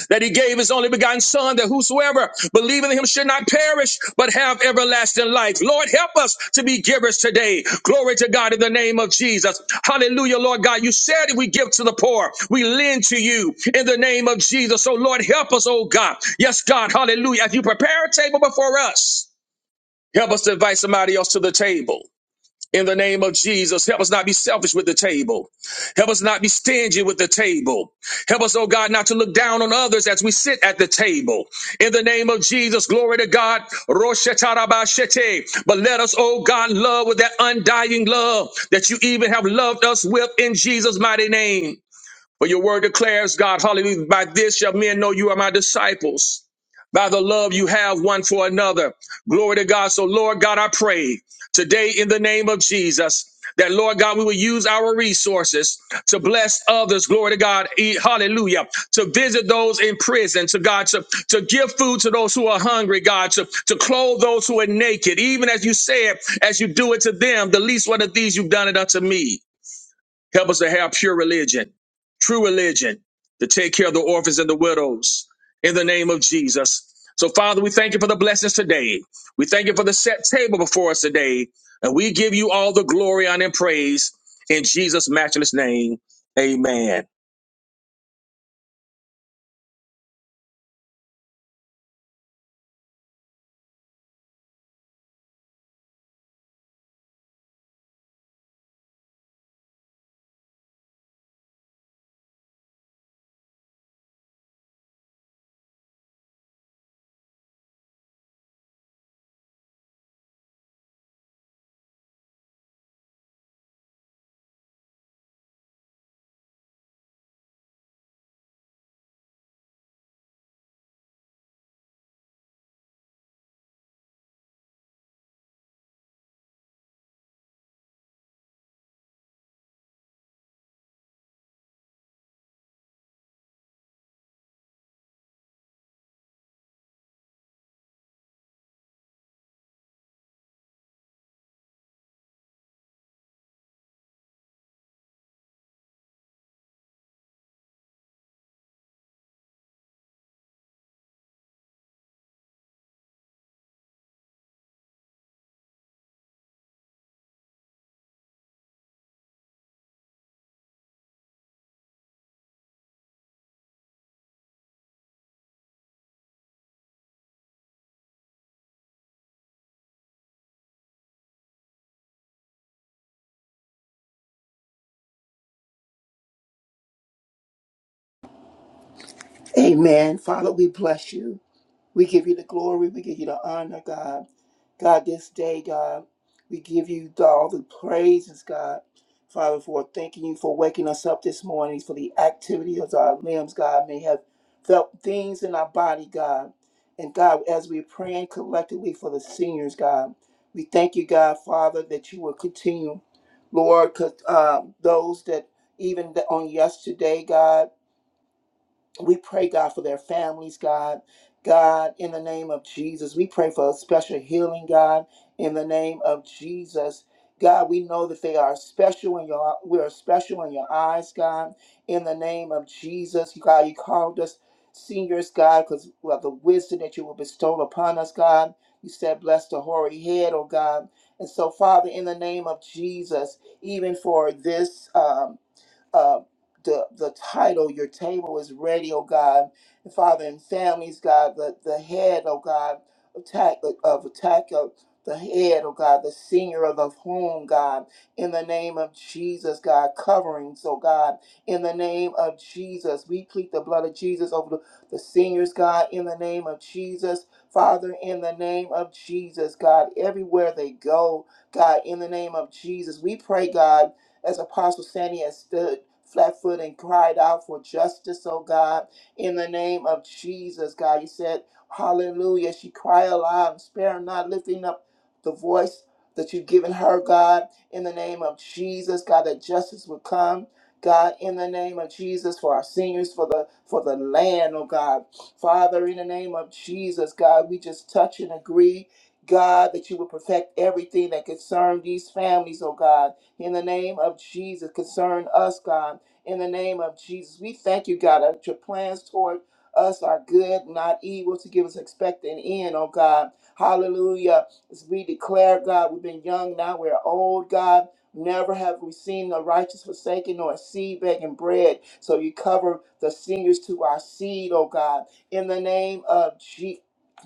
B: that he gave his only begotten son that whosoever believeth in him should not perish but have everlasting life lord help us to be givers today glory to god in the name of jesus hallelujah lord god you said if we give to the poor we lend to you in the name of jesus so lord help us oh god yes god hallelujah as you prepare a table before us help us to invite somebody else to the table in the name of Jesus. Help us not be selfish with the table. Help us not be stingy with the table. Help us, oh God, not to look down on others as we sit at the table. In the name of Jesus, glory to God. Roshetarabashete. But let us, oh God, love with that undying love that you even have loved us with in Jesus' mighty name. For your word declares, God, hallelujah, by this shall men know you are my disciples, by the love you have one for another. Glory to God. So, Lord God, I pray today in the name of Jesus. That Lord God, we will use our resources to bless others. Glory to God. E- Hallelujah. To visit those in prison, to God, to, to give food to those who are hungry, God, to, to clothe those who are naked. Even as you said, as you do it to them, the least one of these you've done it unto me. Help us to have pure religion, true religion, to take care of the orphans and the widows in the name of Jesus. So, Father, we thank you for the blessings today. We thank you for the set table before us today. And we give you all the glory, honor, and praise in Jesus' matchless name. Amen.
F: Amen. Father, we bless you. We give you the glory. We give you the honor, God. God, this day, God, we give you the- all the praises, God. Father, for thanking you for waking us up this morning, for the activity of our limbs, God, may have felt things in our body, God. And God, as we're praying collectively for the seniors, God, we thank you, God, Father, that you will continue, Lord, 'cause, uh, those that even on yesterday, God. We pray, God, for their families, God. God, in the name of Jesus, we pray for a special healing, God, in the name of Jesus. God, we know that they are special in your we are special in your eyes, God. In the name of Jesus, God, you called us seniors, God, because of the wisdom that you will bestow upon us, God. You said, "Bless the hoary head, oh God." And so, Father, in the name of Jesus, even for this. um, uh, the the title, Your Table is Ready, oh God. And Father, and families, God, the, the head, oh God, attack of attack of the head, oh God, the senior of the home, God, in the name of Jesus, God, coverings, oh God, in the name of Jesus. We plead the blood of Jesus over the, the seniors, God, in the name of Jesus. Father, in the name of Jesus, God, everywhere they go, God, in the name of Jesus. We pray, God, as Apostle Sandy has stood flat foot and cried out for justice, oh God, in the name of Jesus, God. You said, Hallelujah. She cried aloud and spare not, lifting up the voice that you've given her, God, in the name of Jesus, God, that justice would come. God, in the name of Jesus, for our seniors, for the for the land, oh God. Father, in the name of Jesus, God, we just touch and agree, God, that you would perfect everything that concerns these families, oh God in the name of Jesus concern us, God. In the name of Jesus, we thank you, God, that your plans toward us are good, not evil, to give us expecting end, oh God. Hallelujah. As we declare, God, we've been young, now we're old, God. Never have we seen the righteous forsaken nor a seed begging bread. So you cover the seniors to our seed, oh God. In the name of Je-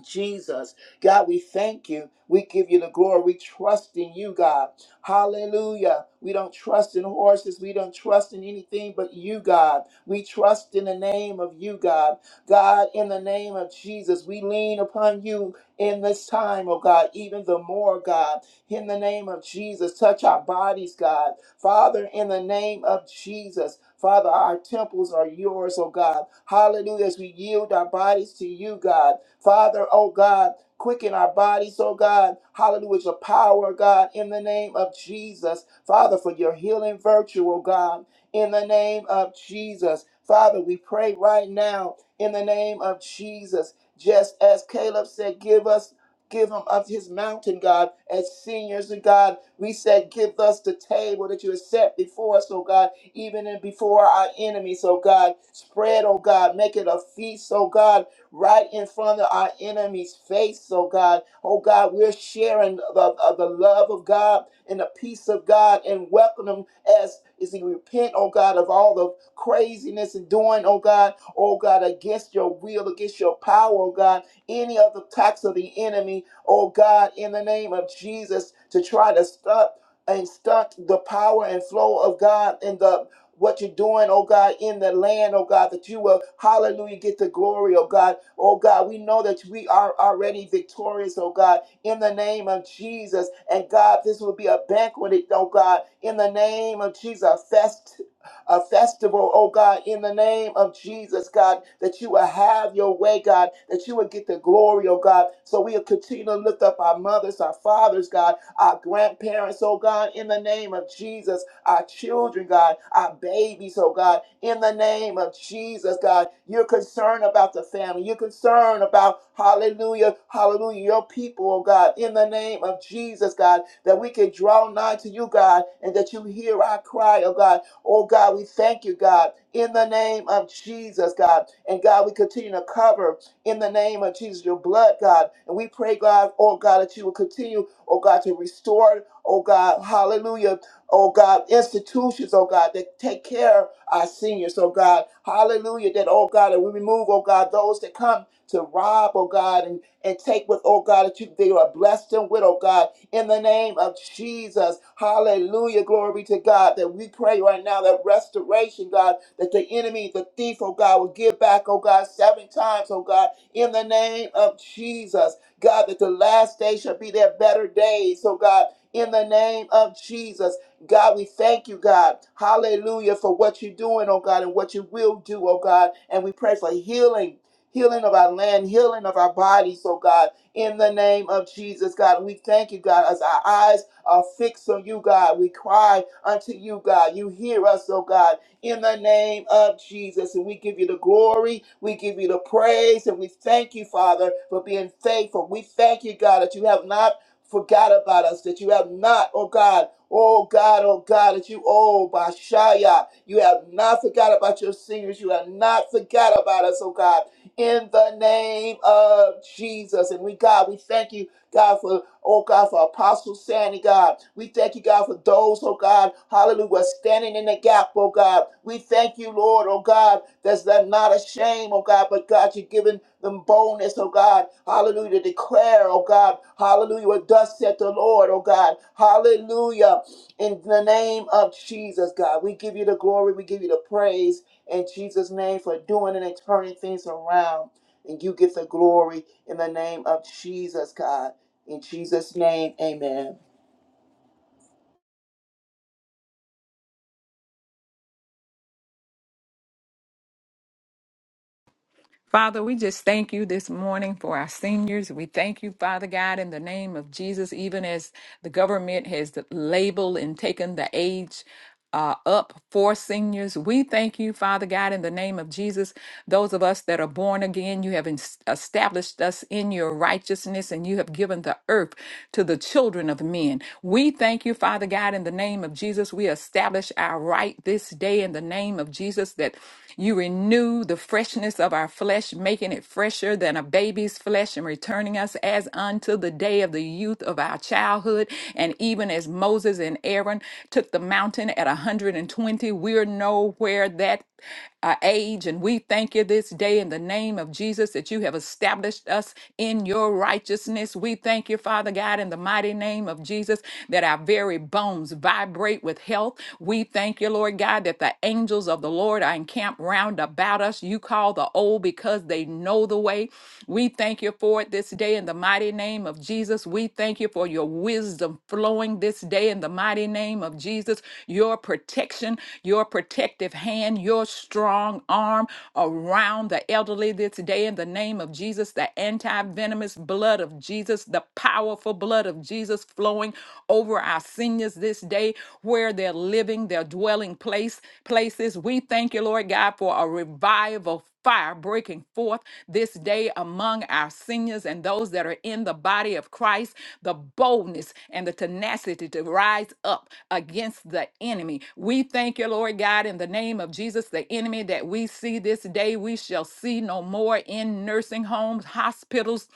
F: Jesus. God, we thank you. We give you the glory. We trust in you, God. Hallelujah. We don't trust in horses. We don't trust in anything but you, God. We trust in the name of you, God. God, in the name of Jesus, we lean upon you in this time, oh God, even the more, God. In the name of Jesus, touch our bodies, God. Father, in the name of Jesus, Father, our temples are yours, oh God. Hallelujah. As we yield our bodies to you, God. Father, oh God. Quicken our bodies, oh God. Hallelujah. your power, God, in the name of Jesus. Father, for your healing virtue, oh God, in the name of Jesus. Father, we pray right now in the name of Jesus. Just as Caleb said, give us give him of his mountain, God, as seniors and God. We said, give us the table that you have set before us, oh God, even in before our enemies, oh God. Spread, oh God, make it a feast, oh God right in front of our enemy's face, oh God. Oh God, we're sharing the, of the love of God and the peace of God and welcome him as as he repent, oh God, of all the craziness and doing, oh God, oh God, against your will, against your power, oh God, any of the attacks of the enemy, oh God, in the name of Jesus, to try to stop and stunt the power and flow of God and the what you're doing, oh God, in the land, oh God, that you will, hallelujah, get the glory, oh God. Oh God, we know that we are already victorious, oh God, in the name of Jesus. And God, this will be a banquet, oh God, in the name of Jesus, a fest a festival, oh God, in the name of Jesus, God, that you will have your way, God, that you will get the glory, oh God. So we'll continue to lift up our mothers, our fathers, God our grandparents, oh God, in the name of Jesus, our children, God, our babies, oh God, in the name of Jesus, God. You're concerned about the family. You're concerned about, hallelujah, hallelujah, your people, oh God, in the name of Jesus, God, that we can draw nigh to you, God, and that you hear our cry, oh God. Oh God, we thank you, God, in the name of Jesus, God. And God, we continue to cover in the name of Jesus your blood, God. And we pray, God, oh God, that you will continue oh God, to restore, oh God, hallelujah, oh God, institutions, oh God, that take care of our seniors, oh God, hallelujah, that, oh God, that we remove, oh God, those that come to rob, oh God, and, and take what, oh God, that you they are blessed them with, oh God, in the name of Jesus. Hallelujah. Glory be to God that we pray right now that restoration, God, that the enemy, the thief, oh God, will give back, oh God, seven times, oh God, in the name of Jesus. God, that the last day shall be their better days. So, God, in the name of Jesus, God, we thank you, God. Hallelujah for what you're doing, oh God, and what you will do, oh God. And we pray for healing, healing of our land, healing of our bodies, oh God, in the name of Jesus, God. We thank you, God, as our eyes are fixed on you, God. We cry unto you, God. You hear us, oh God in the name of Jesus. And we give you the glory, we give you the praise, and we thank you, Father, for being faithful. We thank you, God, that you have not forgot about us, that you have not, oh God, oh God, oh God, that you, oh Bashaya, you have not forgot about your seniors, you have not forgot about us, oh God, in the name of Jesus. And we, God, we thank you, God, for. Oh God, for Apostle Sandy, God. We thank you, God, for those, oh God, hallelujah, who are standing in the gap, oh God. We thank you, Lord, oh God, that's that not a shame, oh God, but God, you're giving them boldness, oh God, hallelujah, to declare, oh God, hallelujah, what thus said the Lord, oh God, hallelujah, in the name of Jesus, God. We give you the glory, we give you the praise in Jesus' name for doing it and turning things around. And you get the glory in the name of Jesus, God. In Jesus' name, amen.
G: Father, we just thank you this morning for our seniors. We thank you, Father God, in the name of Jesus, even as the government has labeled and taken the age. Uh, up for seniors. We thank you, Father God, in the name of Jesus. Those of us that are born again, you have ens- established us in your righteousness and you have given the earth to the children of men. We thank you, Father God, in the name of Jesus. We establish our right this day in the name of Jesus. Jesus, that you renew the freshness of our flesh, making it fresher than a baby's flesh and returning us as unto the day of the youth of our childhood. And even as Moses and Aaron took the mountain at 120, we're nowhere that our age. And we thank you this day in the name of Jesus that you have established us in your righteousness. We thank you, Father God, in the mighty name of Jesus, that our very bones vibrate with health. We thank you, Lord God, that the angels of the Lord are encamped round about us. You call the old because they know the way. We thank you for it this day in the mighty name of name of Jesus. We thank you for your wisdom flowing this day in the mighty name of Jesus. Your protection, your protective hand, your strong arm around the elderly this day in the name of Jesus. The anti venomous blood of Jesus, the powerful blood of Jesus flowing over our seniors this day where they're living, their dwelling place these places. We thank you, Lord God, for a revival fire breaking forth this day among our seniors and those that are in the body of Christ, the boldness and the tenacity to rise up against the enemy. We thank you, Lord God, in the name of Jesus, the enemy that we see this day, we shall see no more in nursing homes, hospitals,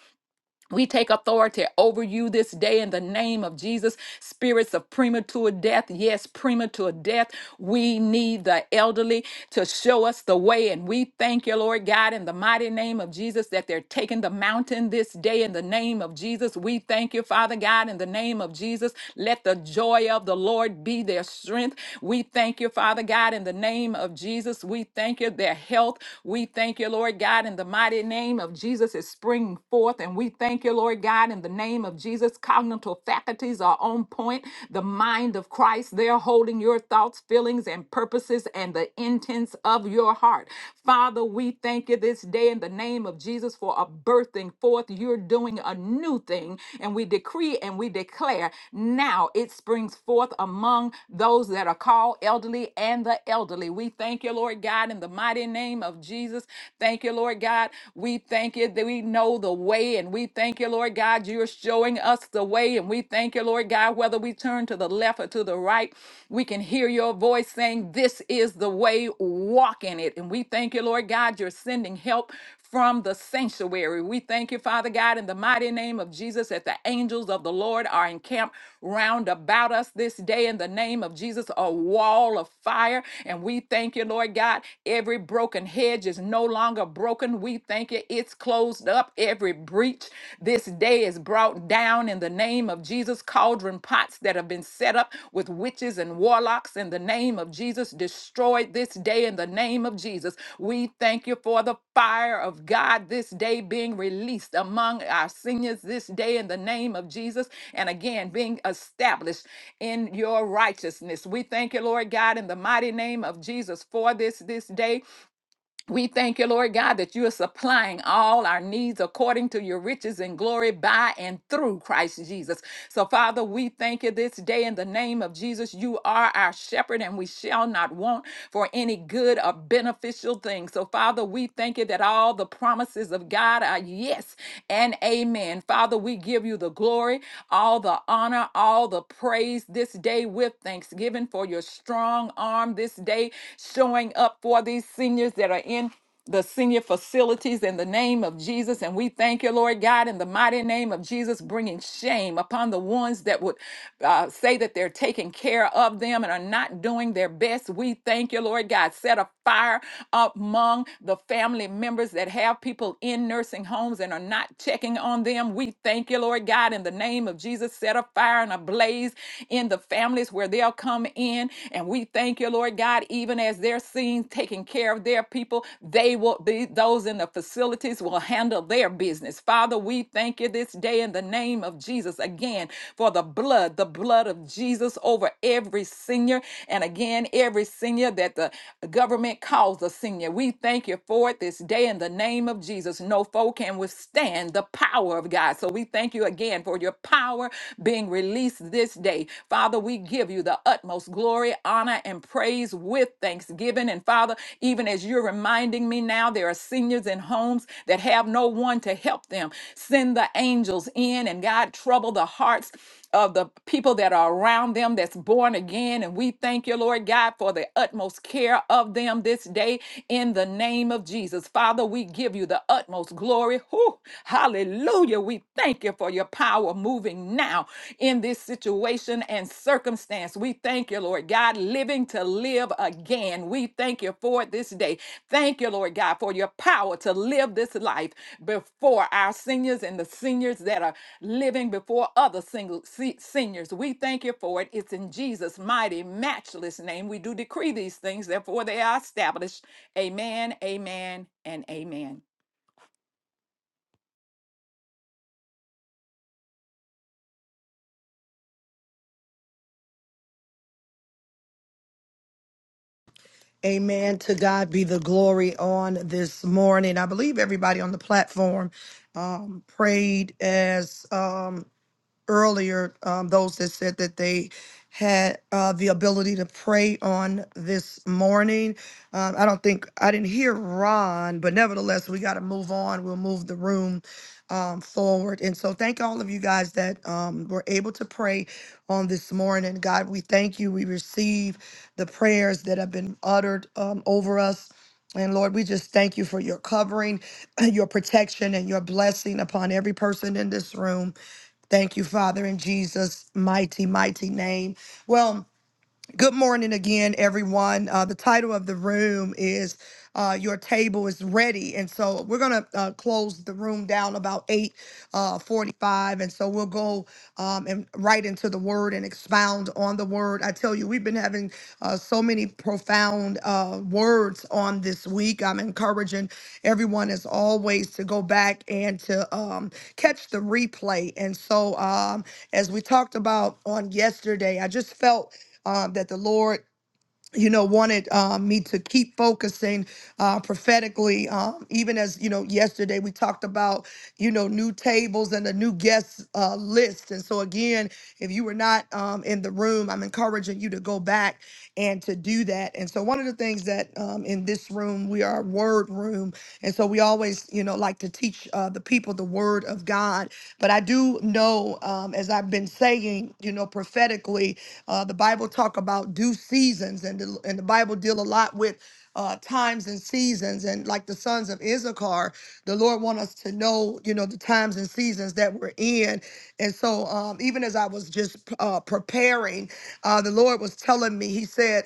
G: we take authority over you this day in the name of Jesus. Spirits of premature death, yes, premature death. We need the elderly to show us the way. And we thank you, Lord God, in the mighty name of Jesus, that they're taking the mountain this day in the name of Jesus. We thank you, Father God, in the name of Jesus. Let the joy of the Lord be their strength. We thank you, Father God, in the name of Jesus. We thank you, their health. We thank you, Lord God, in the mighty name of Jesus. is springing spring forth. And we thank you, Lord God, in the name of Jesus. Cognitive faculties are on point. The mind of Christ, they're holding your thoughts, feelings, and purposes and the intents of your heart. Father, we thank you this day in the name of Jesus for a birthing forth. You're doing a new thing, and we decree and we declare now it springs forth among those that are called elderly and the elderly. We thank you, Lord God, in the mighty name of Jesus. Thank you, Lord God. We thank you that we know the way, and we thank you, Lord God, you're showing us the way. And we thank you, Lord God, whether we turn to the left or to the right, we can hear your voice saying, This is the way, walk in it. And we thank you, Lord God, you're sending help from the sanctuary. We thank you, Father God, in the mighty name of Jesus, that the angels of the Lord are encamped round about us this day in the name of Jesus, a wall of fire. And we thank you, Lord God, every broken hedge is no longer broken. We thank you. It's closed up. Every breach this day is brought down in the name of Jesus. Cauldron pots that have been set up with witches and warlocks in the name of Jesus destroyed this day in the name of Jesus. We thank you for the fire of God this day being released among our seniors this day in the name of Jesus. And again, being established in your righteousness. We thank you, Lord God, in the mighty name of Jesus for this this day. We thank you, Lord God, that you are supplying all our needs according to your riches and glory by and through Christ Jesus. So, Father, we thank you this day in the name of Jesus. You are our shepherd, and we shall not want for any good or beneficial thing. So, Father, we thank you that all the promises of God are yes and amen. Father, we give you the glory, all the honor, all the praise this day with thanksgiving for your strong arm this day today showing up for these seniors that are in the senior facilities in the name of Jesus. And we thank you, Lord God, in the mighty name of Jesus, bringing shame upon the ones that would uh, say that they're taking care of them and are not doing their best. We thank you, Lord God. Set a fire among the family members that have people in nursing homes and are not checking on them. We thank you, Lord God, in the name of Jesus. Set a fire and a blaze in the families where where they'll come in. And we thank you, Lord God, even as they're seen taking care of their people, they will, be those in the facilities will handle their business. Father, we thank you this day in the name of Jesus again for the blood, the blood of Jesus over every senior. And again, every senior that the government calls a senior. We thank you for it this day in the name of Jesus. No foe can withstand the power of God. So we thank you again for your power being released this day. Father, we give you the utmost glory, honor, and praise with thanksgiving. And Father, even as you're reminding me now, there are seniors in homes that have no one to help them. Send the angels in and God, trouble the hearts of the people that are around them that's born again. And we thank you, Lord God, for the utmost care of them this day in the name of Jesus. Father, we give you the utmost glory. Whew. hallelujah. We thank you for your power moving now in this situation and circumstance. We thank you, Lord God, living to live again. We thank you for it this day. Thank you, Lord God, for your power to live this life before our seniors and the seniors that are living before other single se- seniors. We thank you for it. It's in Jesus' mighty, matchless name. We do decree these things, therefore they are established. Amen, amen, and amen.
A: Amen. To God be the glory on this morning. I believe everybody on the platform um, prayed as. Um, earlier, um, those that said that they had uh, the ability to pray on this morning. Um, I don't think I didn't hear Ron, but nevertheless, we got to move on. We'll move the room um, forward. And so, thank all of you guys that um, were able to pray on this morning. God, we thank you. We receive the prayers that have been uttered um, over us. And Lord, we just thank you for your covering, your protection, and your blessing upon every person in this room. Thank you, Father, in Jesus' mighty, mighty name. Well, Good morning again, everyone. Uh, the title of the room is uh, "Your Table Is Ready," and so we're gonna uh, close the room down about eight uh, forty-five, and so we'll go um, and right into the Word and expound on the Word. I tell you, we've been having uh, so many profound uh, words on this week. I'm encouraging everyone, as always, to go back and to um, catch the replay. And so, um, as we talked about on yesterday, I just felt uh, that the Lord, you know, wanted uh, me to keep focusing uh, prophetically. Um, even as you know, yesterday we talked about you know new tables and the new guest uh, list. And so again, if you were not um, in the room, I'm encouraging you to go back and to do that. And so one of the things that um, in this room we are a word room, and so we always you know like to teach uh, the people the word of God. But I do know, um, as I've been saying, you know, prophetically, uh, the Bible talk about due seasons, and the, and the Bible deal a lot with uh, times and seasons. And like the sons of Issachar, the Lord want us to know, you know, the times and seasons that we're in. And so, um, even as I was just uh, preparing, uh, the Lord was telling me, He said.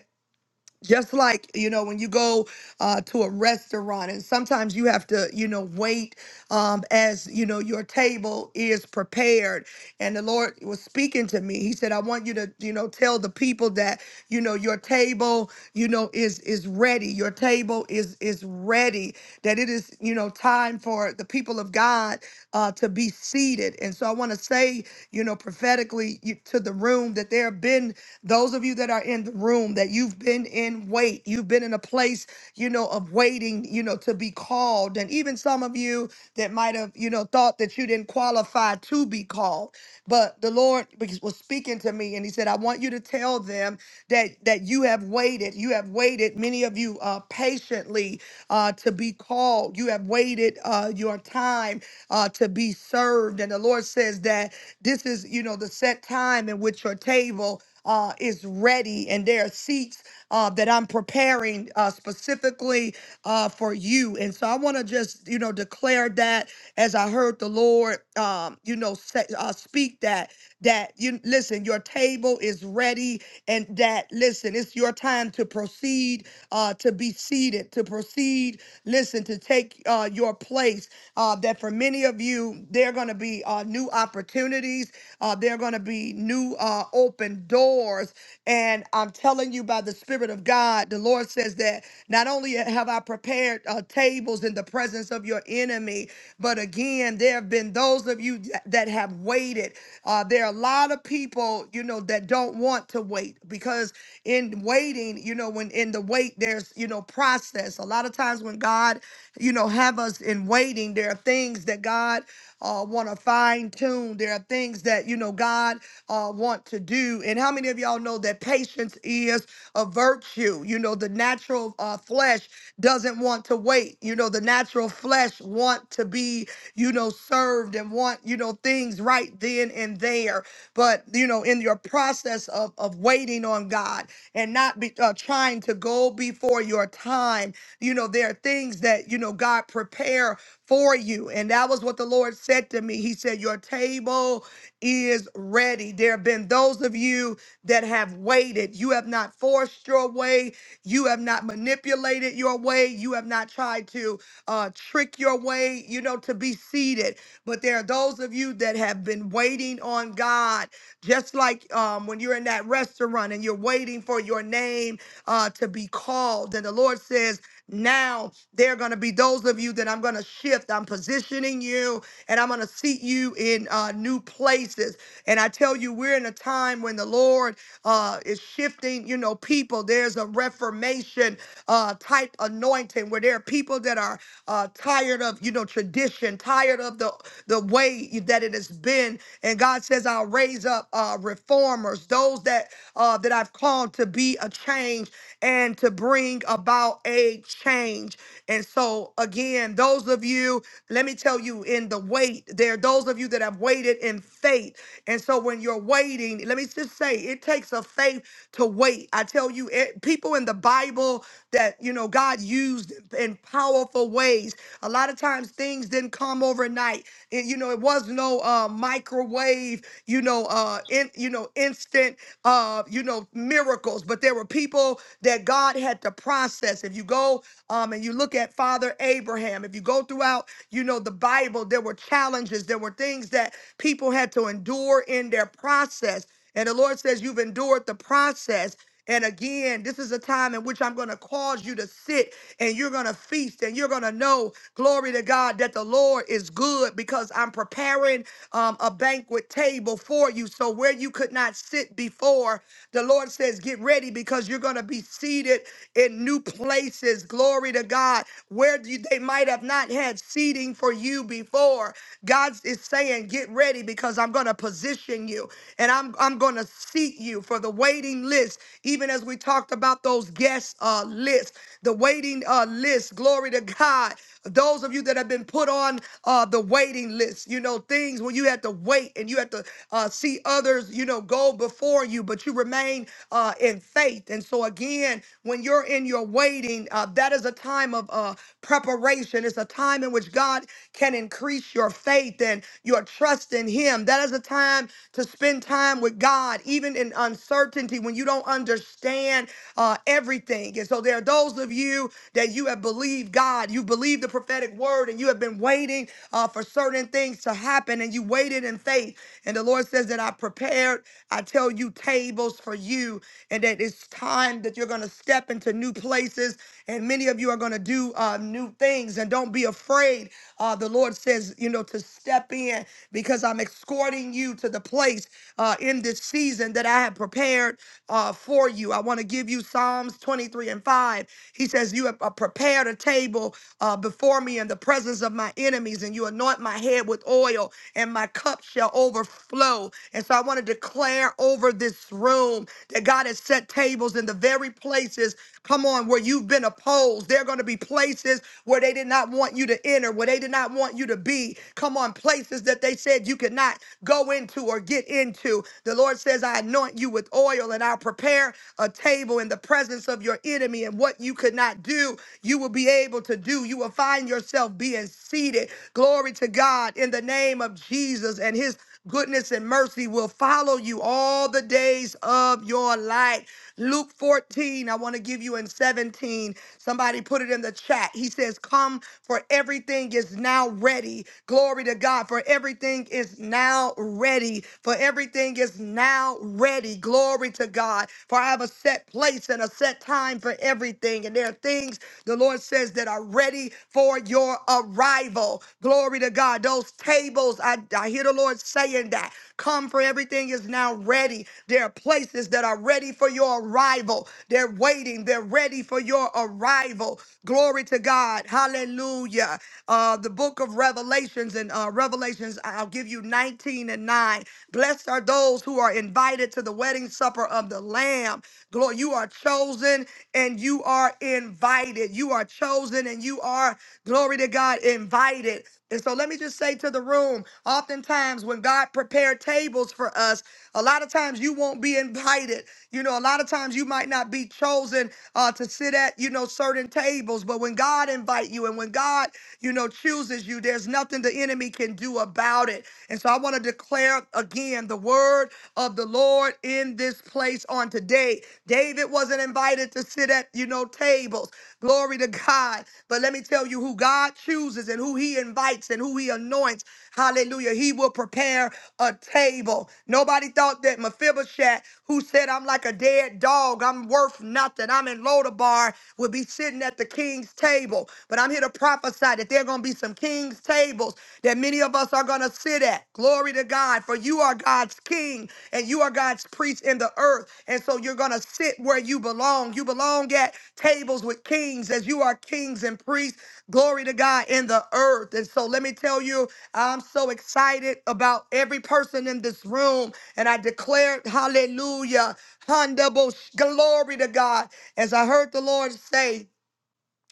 A: Just like you know, when you go uh, to a restaurant, and sometimes you have to, you know, wait um, as you know your table is prepared and the lord was speaking to me he said i want you to you know tell the people that you know your table you know is is ready your table is is ready that it is you know time for the people of god uh, to be seated and so i want to say you know prophetically you- to the room that there have been those of you that are in the room that you've been in wait you've been in a place you know of waiting you know to be called and even some of you you that might have, you know, thought that you didn't qualify to be called. But the Lord was speaking to me and he said, I want you to tell them that that you have waited. You have waited, many of you uh patiently uh to be called. You have waited uh your time uh to be served. And the Lord says that this is, you know, the set time in which your table uh, is ready and there are seats uh, that I'm preparing uh, specifically uh, for you. And so I want to just, you know, declare that as I heard the Lord, um, you know, say, uh, speak that, that you listen, your table is ready and that, listen, it's your time to proceed, uh, to be seated, to proceed, listen, to take uh, your place. Uh, that for many of you, they're going to be uh, new new opportunities. Uh, there are going to be new uh, open doors. And I'm telling you, by the Spirit of God, the Lord says that not only have I prepared uh, tables in the presence of your enemy, but again, there have been those of you th- that have waited. Uh, there are a lot of people, you know, that don't want to wait because in waiting, you know, when in the wait, there's, you know, process. A lot of times when God, you know, have us in waiting, there are things that God uh, want to fine tune. There are things that you know God uh, want to do. And how many of y'all know that patience is a virtue? You know, the natural uh, flesh doesn't want to wait. You know, the natural flesh want to be you know served and want you know things right then and there. But you know, in your process of of waiting on God and not be uh, trying to go before your time, you know, there are things that you know God prepare for you. And that was what the Lord said to me. He said, Your table is ready. There have been those of you that have waited. You have not forced your way. You have not manipulated your way. You have not tried to uh, trick your way, you know, to be seated. But there are those of you that have been waiting on God, just like um, when you're in that restaurant and you're waiting for your name uh, to be called. And the Lord says, now there are going to be those of you that I'm going to shift. I'm positioning you and I'm going to seat you in uh, new places. And I tell you, we're in a time when the Lord uh, is shifting, you know, people. There's a reformation uh, type anointing where there are people that are uh, tired of, you know, tradition, tired of the, the way that it has been. And God says, I'll raise up uh, reformers, those that, uh, that I've called to be a change and to bring about a change. And so, again, those of you, let me tell you, in the wait, there are those of you that have waited in faith. And so, when you're waiting, let me just say, it takes a faith to wait. I tell you, it, people in the Bible that, you know, God used in powerful ways. A lot of times things didn't come overnight. It, you know, it was no uh, microwave, you know, uh, in, you know, instant, uh, you know, miracles, but there were people that God had to process. If you go know, um, and you look at Father Abraham, if you go throughout, you know, the Bible, there were challenges, there were things that people had to endure in their process. And the Lord says, You've endured the process. And again, this is a time in which I'm going to cause you to sit and you're going to feast and you're going to know, glory to God, that the Lord is good because I'm preparing um, a banquet table for you. So, where you could not sit before, the Lord says, Get ready because you're going to be seated in new places Glory to God. Where you- they might have not had seating for you before. God is saying, get ready because I'm going to position you and I'm, I'm going to seat you for the waiting list. Even as we talked about those guest uh, lists, the waiting uh, list. Glory to God. Those of you that have been put on uh, the waiting list, you know, things when you had to wait and you had to uh, see others, you know, go before you, but you remain uh, in faith. And so, again, when you're in your waiting, uh, that is a time of uh, preparation. It's a time in which God can increase your faith and your trust in Him. That is a time to spend time with God, even in uncertainty when you don't understand uh, everything. And so, there are those of you you that you have believed God. You believed the prophetic word and you have been waiting uh, for certain things to happen and you waited in faith. And the Lord says that I prepared, I tell you, tables for you, and that it's time that you're going to step into new places. And many of you are going to do uh, new things. And don't be afraid. Uh, the Lord says, you know, to step in because I'm escorting you to the place uh, in this season that I have prepared uh, for you. I want to give you Psalms. Psalms 23 and 5. He says, You have uh, prepared a table uh, before me in the presence of my enemies, and you anoint my head with oil, and my cup shall overflow. And so I want to declare over this room that God has set tables in the very places. Come on, where you've been opposed. There are going to be places where they did not want you to enter, where they did not want you to be. Come on, places that they said you could not go into or get into. The Lord says, I anoint you with oil and I'll prepare a table in the presence of your enemy. And what you could not do, you will be able to do. You will find yourself being seated. Glory to God in the name of Jesus and his goodness and mercy will follow you all the days of your life. Luke 14, I want to give you in 17. Somebody put it in the chat. He says, Come, for everything is now ready. Glory to God, for everything is now ready. For everything is now ready. Glory to God, for I have a set place and a set time for everything. And there are things the Lord says that are ready for your arrival. Glory to God. Those tables, I, I hear the hear the Lord saying that. Come, for everything is now ready. There are places that are ready for your arrival. They're waiting. They're ready for your arrival. Glory to God. Hallelujah. Uh, the book of Revelations and uh, Revelations, I'll give you 19 and 9. Blessed are those who are invited to the wedding supper of the Lamb. Glory, you are chosen and you are invited. You are chosen and you are, glory to God, invited. And so let me just say to the room, oftentimes when God prepared tables for us, a lot of times you won't be invited. You know, a lot of times you might not be chosen uh, to sit at, you know, certain tables. But when God invite you and when God, you know, chooses you, there's nothing the enemy can do about it. And so I want to declare again the word of the Lord in this place on today. David wasn't wasn't invited to sit at, you know, tables. Glory to God. But let me tell you who God chooses and who he invites and who he anoints. Hallelujah. He will prepare a table. Nobody thought that Mephibosheth, who said, I'm like a dead dog, I'm worth nothing, I'm in Lodabar, would be sitting at the king's table. But I'm here to prophesy that there are going to be some king's tables that many of us are going to sit at that. Glory to God. For you are God's king and you are God's priest in the earth. And so you're going to sit where you belong. You belong at tables with kings as you are kings and priests. Glory to God in the earth. And so let me tell you, I'm so excited about every person in this room. And I declare, hallelujah, Handabo- glory to God. As I heard the Lord say,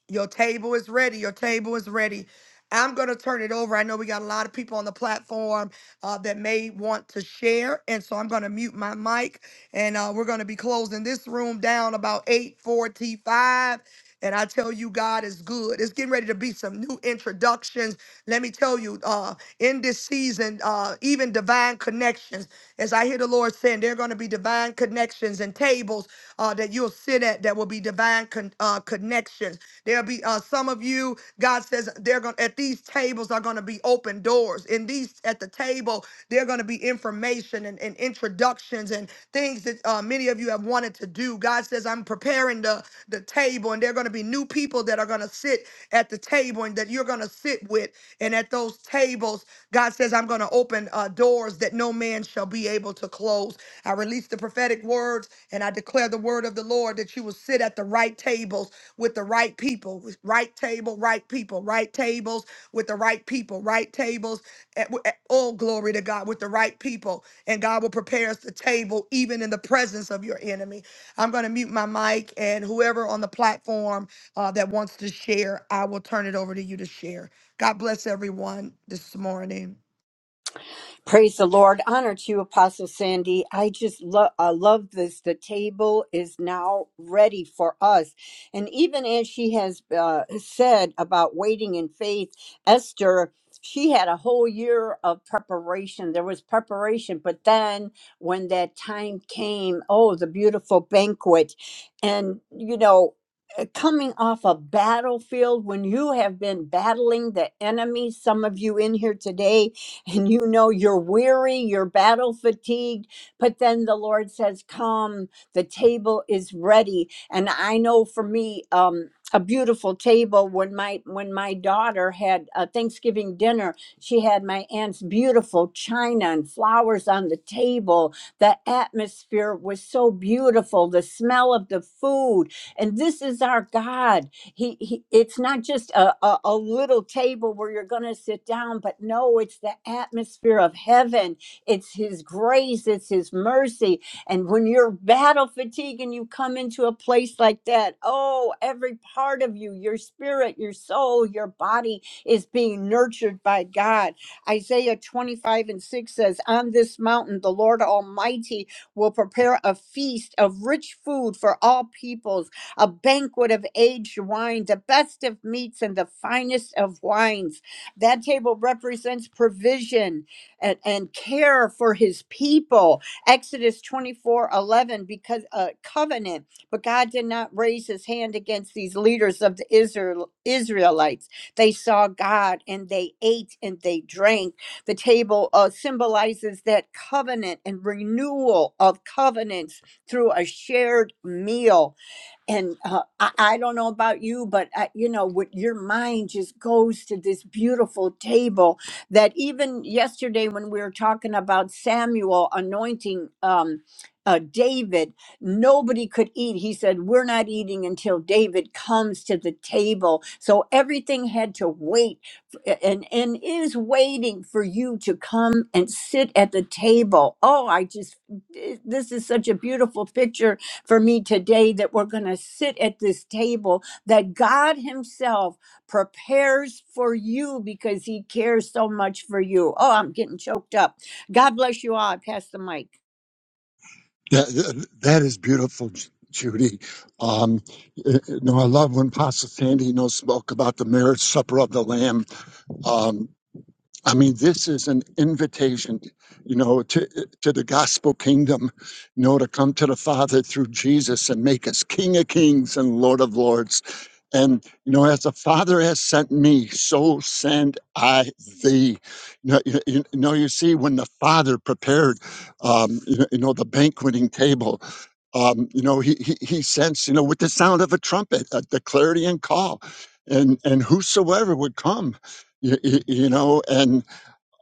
A: your table is ready. Your table is ready. I'm going to turn it over. I know we got a lot of people on the platform uh, that may want to share. And so I'm going to mute my mic and uh, we're going to be closing this room down about 845. And I tell you, God is good. It's getting ready to be some new introductions. Let me tell you, uh, in this season, uh, even divine connections. As I hear the Lord saying, there are going to be divine connections and tables uh, that you'll sit at that will be divine con- uh, connections. There'll be uh, some of you. God says they're going to at these tables are going to be open doors. In these at the table, there are going to be information and, and introductions and things that uh, many of you have wanted to do. God says, "I'm preparing." preparing the, the table, and there are going to be new people that are going to sit at the table and that you're going to sit with. And at those tables, God says, I'm going to open uh, doors that no man shall be able to close. I release the prophetic words and I declare the word of the Lord that you will sit at the right tables with the right people, with right table, right people, right tables with the right people, right tables. At, at, all glory to God with the right people. And God will prepare us the table even in the presence of your enemy. I'm going to mute my mic, and whoever on the platform uh, that wants to share, I will turn it over to you to share. God bless everyone this morning.
D: Praise the Lord. Honor to you, Apostle Sandy. I just love I love this. The table is now ready for us. And even as she has uh, said about waiting in faith, Esther, she had a whole year of preparation. There was preparation, but then when that time came, oh, the beautiful banquet. And, you know, uh, coming off a battlefield when you have been battling the enemy some of you in here today and you know you're weary, you're battle fatigued. But then the Lord says, Come, the table is ready. And I know for me, um, a beautiful table when my when my daughter had a thanksgiving dinner she had my aunt's beautiful china and flowers on the table the atmosphere was so beautiful the smell of the food and this is our god he, he it's not just a, a, a little table where you're going to sit down but no it's the atmosphere of heaven it's his grace it's his mercy and when you're battle fatigued and you come into a place like that oh every part of you your spirit your soul your body is being nurtured by god isaiah 25 and 6 says on this mountain the lord almighty will prepare a feast of rich food for all peoples a banquet of aged wine, the best of meats and the finest of wines. That table represents provision and, and care for his people. Exodus 24 11 because a covenant, but God did not raise his hand against these leaders of the Israel, Israelites. They saw God and they ate and they drank. The table uh, symbolizes that covenant and renewal of covenants through a shared meal and uh, I, I don't know about you but I, you know what your mind just goes to this beautiful table that even yesterday when we were talking about samuel anointing um, uh, david nobody could eat he said we're not eating until david comes to the table so everything had to wait f- and and is waiting for you to come and sit at the table oh i just eh, this is such a beautiful picture for me today that we're going to sit at this table that God Himself prepares for you because He cares so much for you. Oh, I'm getting choked up. God bless you all. I pass the mic.
E: That, that is beautiful, Ju- Judy. Um, you know, I love when Pastor Sandy, you know, spoke about the marriage supper of the Lamb. Um, I mean, this is an invitation, you know, to, to the gospel kingdom, you know, to come to the Father through Jesus and make us King of kings and Lord of lords. And, you know, as the Father has sent me, so send I thee. You know, you, you know, you see, when the Father prepared, um, you, know, you know, the banqueting table, um, you know, he, he, he sends, you know, with the sound of a trumpet, a, the clarion call. And, and whosoever would come, you, you know, and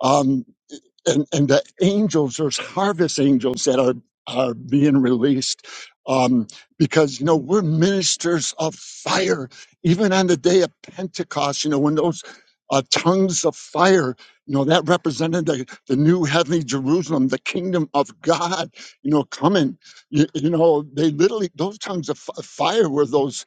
E: um, and, and the angels, there's harvest angels that are, are being released. Um, because, you know, we're ministers of fire. Even on the day of Pentecost, you know, when those uh, tongues of fire, you know, that represented the, the new heavenly Jerusalem, the kingdom of God, you know, coming. You, you know, they literally, those tongues of fi- fire were those,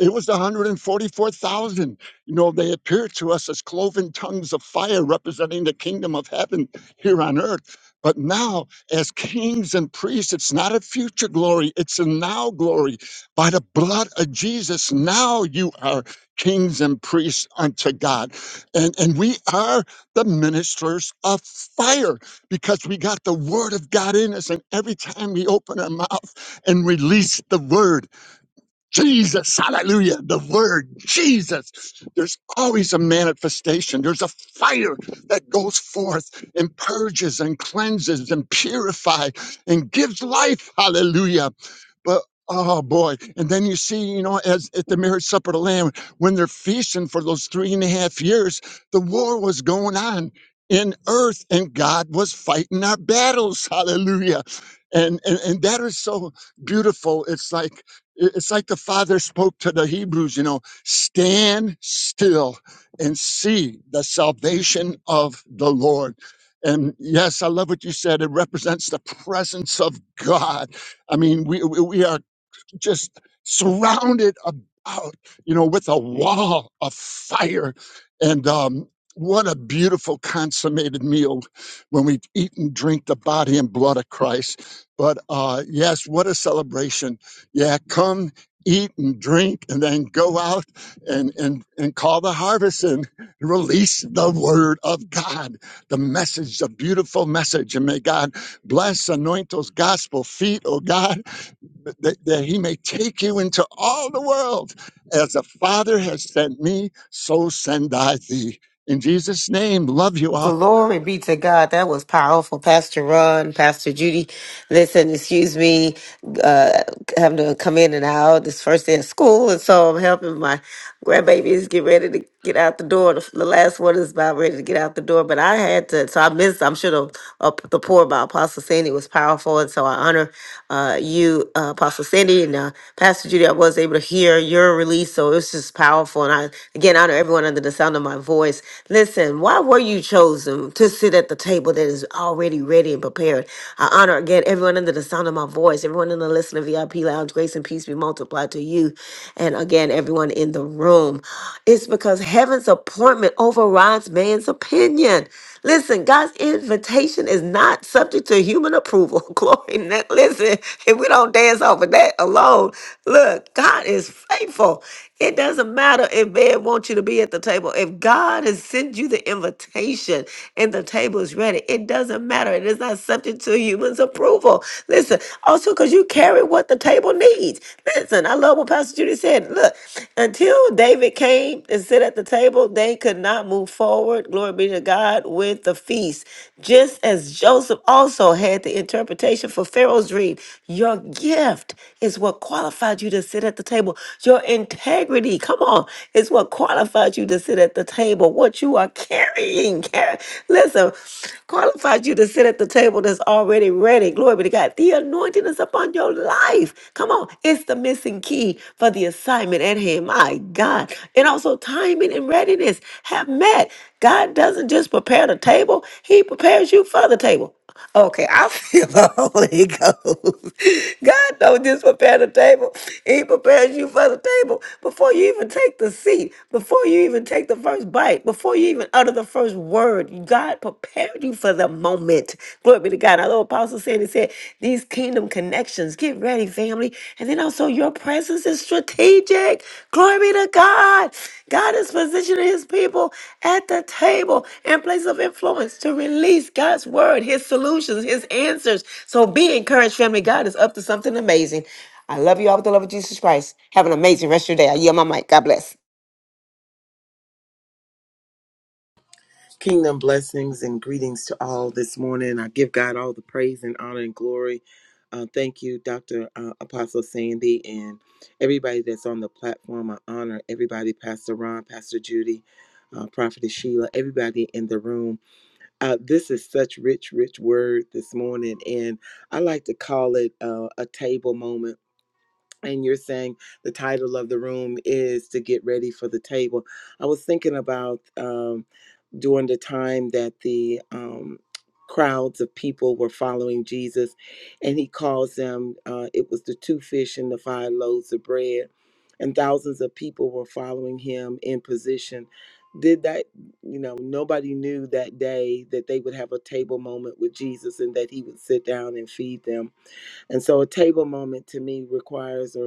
E: it was the 144,000. You know, they appeared to us as cloven tongues of fire representing the kingdom of heaven here on earth. But now, as kings and priests, it's not a future glory, it's a now glory. By the blood of Jesus, now you are kings and priests unto God. And, and we are the ministers of fire because we got the word of God in us. And every time we open our mouth and release the word, Jesus, hallelujah, the word, Jesus. There's always a manifestation. There's a fire that goes forth and purges and cleanses and purifies and gives life, hallelujah. But oh boy. And then you see, you know, as at the marriage supper of the Lamb, when they're feasting for those three and a half years, the war was going on in earth and God was fighting our battles. Hallelujah. And and, and that is so beautiful. It's like it- it's like the father spoke to the Hebrews, you know, stand still and see the salvation of the Lord. And yes, I love what you said. It represents the presence of God I mean, we we we are just surrounded about, you know, with a wall of fire, and um, what a beautiful consummated meal when we eat and drink the body and blood of Christ. But uh, yes, what a celebration! Yeah, come eat and drink, and then go out and and and call the harvest and release the word of God, the message, the beautiful message, and may God bless, anoint those gospel feet, oh God that, that he may take you into all the world. As the Father has sent me, so send I thee. In Jesus' name, love you all.
C: Glory be to God. That was powerful. Pastor Ron, Pastor Judy. Listen, excuse me, uh, having to come in and out this first day of school. And so I'm helping my grandbabies get ready to get out the door. The, the last one is about ready to get out the door, but I had to, so I missed, I'm sure the, uh, the pour by Apostle Sandy was powerful. And so I honor uh, you, uh, Apostle Sandy and uh, Pastor Judy. I was able to hear your release. So it was just powerful. And I, again, honor everyone under the sound of my voice. Listen, why were you chosen to sit at the table that is already ready and prepared? I honor again everyone under the sound of my voice, everyone in the listener VIP lounge. Grace and peace be multiplied to you, and again everyone in the room. It's because heaven's appointment overrides man's opinion. Listen, God's invitation is not subject to human approval. Glory. Now, Listen, if we don't dance off of that alone, look, God is faithful. It doesn't matter if man wants you to be at the table. If God has sent you the invitation and the table is ready, it doesn't matter. It is not subject to humans' approval. Listen, also because you carry what the table needs. Listen, I love what Pastor Judy said. Look, until David came and sit at the table, they could not move forward, glory be to God, with the feast. Just as Joseph Joseph also had the interpretation for Pharaoh's dream. Your gift is what qualified you to sit at the table. Your integrity, come on, is what qualified you to sit at the table. What you are carrying, car- listen, qualified you to sit at the table that's already ready. Glory be to God. The anointing is upon your life. Come on, it's the missing key for the assignment at hand. My God. And also timing and readiness have met. God doesn't just prepare the table, He prepares you for the table. Okay, I feel the Holy Ghost. God don't just prepare the table. He prepares you for the table before you even take the seat, before you even take the first bite, before you even utter the first word. God prepared you for the moment. Glory be to God got. I know Apostle said, he said, these kingdom connections. Get ready, family. And then also, your presence is strategic. Glory be to God. God is positioning his people at the table in place of influence to release God's word, his solutions, his answers. So be encouraged, family. God is up to something amazing. I love you all with the love of Jesus Christ. Have an amazing rest of your day. I yield my mic. God bless.
H: Kingdom blessings and greetings to all this morning. I give God all the praise and honor and glory. Uh, thank you, Dr. Uh, Apostle Sandy, and everybody that's on the platform. I honor everybody, Pastor Ron, Pastor Judy, uh, Prophetess Sheila, everybody in the room. Uh, this is such rich, rich word this morning, and I like to call it uh, a table moment. And you're saying the title of the room is to get ready for the table. I was thinking about. Um, during the time that the um, crowds of people were following Jesus, and he calls them, uh, it was the two fish and the five loaves of bread, and thousands of people were following him in position. Did that, you know, nobody knew that day that they would have a table moment with Jesus and that he would sit down and feed them. And so a table moment to me requires a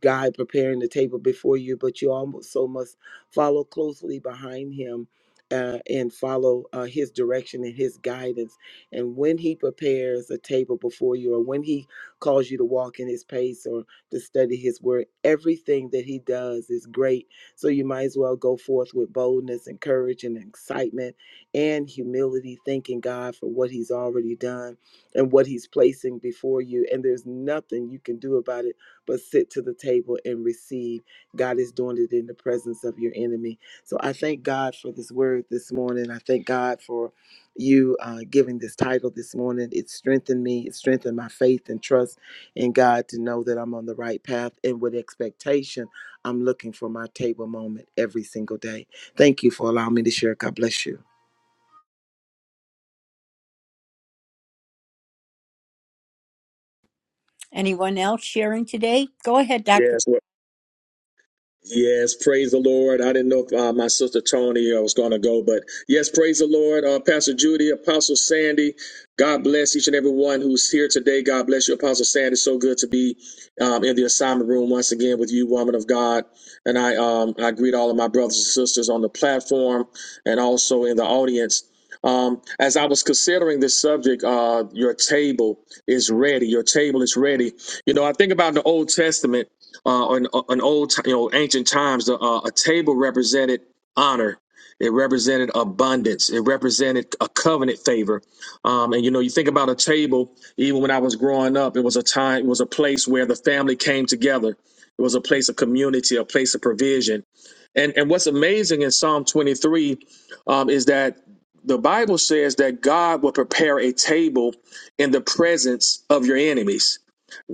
H: God preparing the table before you, but you also must follow closely behind him uh, and follow uh, his direction and his guidance. And when he prepares a table before you, or when he calls you to walk in his pace or to study his word, everything that he does is great. So you might as well go forth with boldness and courage and excitement and humility, thanking God for what he's already done and what he's placing before you. And there's nothing you can do about it but sit to the table and receive. God is doing it in the presence of your enemy. So I thank God for this word this morning. I thank God for you uh, giving this title this morning. It strengthened me, it strengthened my faith and trust in God to know that I'm on the right path. And with expectation, I'm looking for my table moment every single day. Thank you for allowing me to share. God bless you.
D: Anyone else sharing today? Go ahead, Dr.
B: Yes. Lord. Yes, praise the Lord. I didn't know if uh, my sister Tony uh, was going to go, but yes, praise the Lord. Uh, Pastor Judy, Apostle Sandy, God bless each and every one who's here today. God bless you, Apostle Sandy. So good to be um, in the assignment room once again with you, woman of God. And I, um, I greet all of my brothers and sisters on the platform and also in the audience. Um, as I was considering this subject, uh, your table is ready. Your table is ready. You know, I think about the Old Testament uh, in, in old, you know, ancient times, uh, a table represented honor. It represented abundance. It represented a covenant favor. Um, and you know, you think about a table. Even when I was growing up, it was a time. It was a place where the family came together. It was a place of community, a place of provision. And and what's amazing in Psalm 23 um, is that the Bible says that God will prepare a table in the presence of your enemies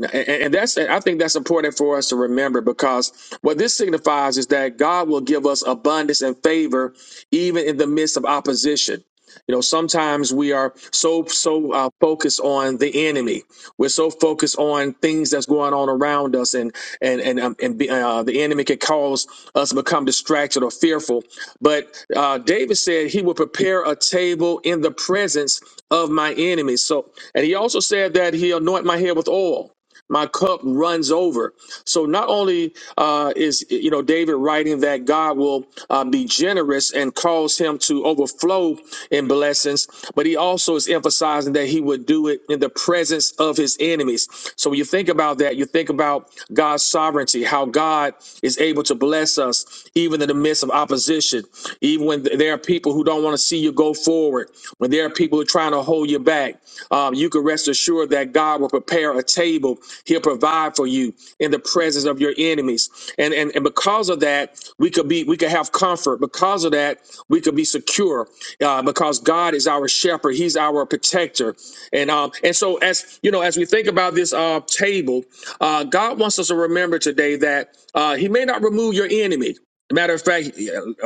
B: and, and that's I think that's important for us to remember because what this signifies is that God will give us abundance and favor even in the midst of opposition. You know, sometimes we are so so uh, focused on the enemy. We're so focused on things that's going on around us, and and and um, and be, uh, the enemy can cause us to become distracted or fearful. But uh, David said he will prepare a table in the presence of my enemies. So, and he also said that he anoint my head with oil my cup runs over. So not only uh, is you know David writing that God will uh, be generous and cause him to overflow in blessings, but he also is emphasizing that he would do it in the presence of his enemies. So when you think about that, you think about God's sovereignty, how God is able to bless us even in the midst of opposition, even when there are people who don't want to see you go forward, when there are people who are trying to hold you back, um, you can rest assured that God will prepare a table. He'll provide for you in the presence of your enemies. And, and, and because of that, we could be we could have comfort. Because of that, we could be secure uh, because God is our shepherd. He's our protector. And um, and so as you know, as we think about this uh, table, uh, God wants us to remember today that uh, He may not remove your enemy. Matter of fact,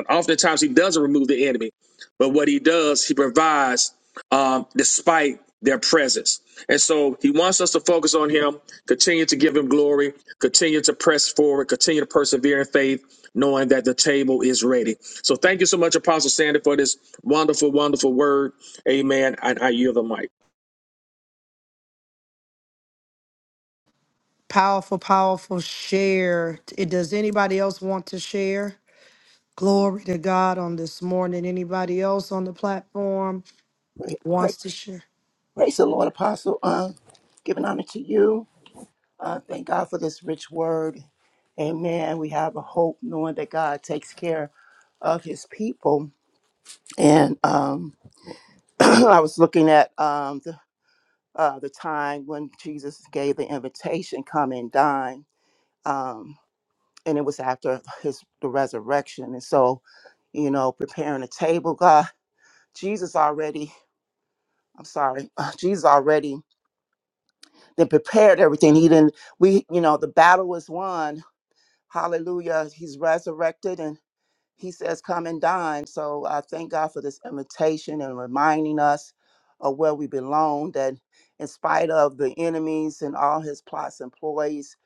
B: oftentimes he doesn't remove the enemy, but what he does, he provides um, despite their presence. And so he wants us to focus on him, continue to give him glory, continue to press forward, continue to persevere in faith, knowing that the table is ready. So thank you so much, Apostle Sandy, for this wonderful, wonderful word. Amen. And I yield the mic.
A: Powerful, powerful share. It- Does anybody else want to share? Glory to God on this morning. Anybody else on the platform?
F: Pray, pray,
A: Sure.
F: praise the Lord, Apostle. Uh, giving honor to you. Uh, thank God for this rich word. Amen. We have a hope knowing that God takes care of his people. And um, I was looking at um, the, uh, the time when Jesus gave the invitation, come and dine. Um, and it was after his the resurrection. And so, you know, preparing a table, God, Jesus already, I'm sorry, Jesus already that prepared everything. He didn't, we, you know, the battle was won. Hallelujah. He's resurrected and he says, come and dine. So I thank God for this invitation and reminding us of where we belong, that in spite of the enemies and all his plots and ploys,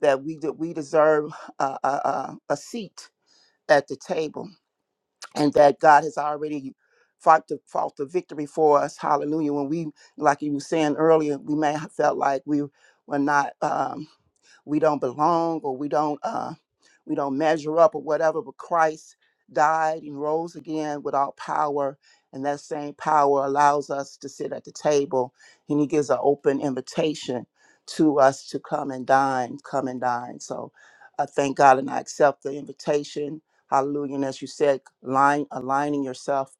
F: that we, that we deserve a, a, a a seat at the table and that God has already fought the, fought the victory for us. Hallelujah. When we, like you were saying earlier, we may have felt like we were not. Um, we don't belong or we don't uh, we don't measure up or whatever. But Christ died and rose again with all power, and that same power allows us to sit at the table, and He gives an open invitation to us to come and dine, come and dine. So I thank God and I accept the invitation. Hallelujah. And as you said, line, aligning yourself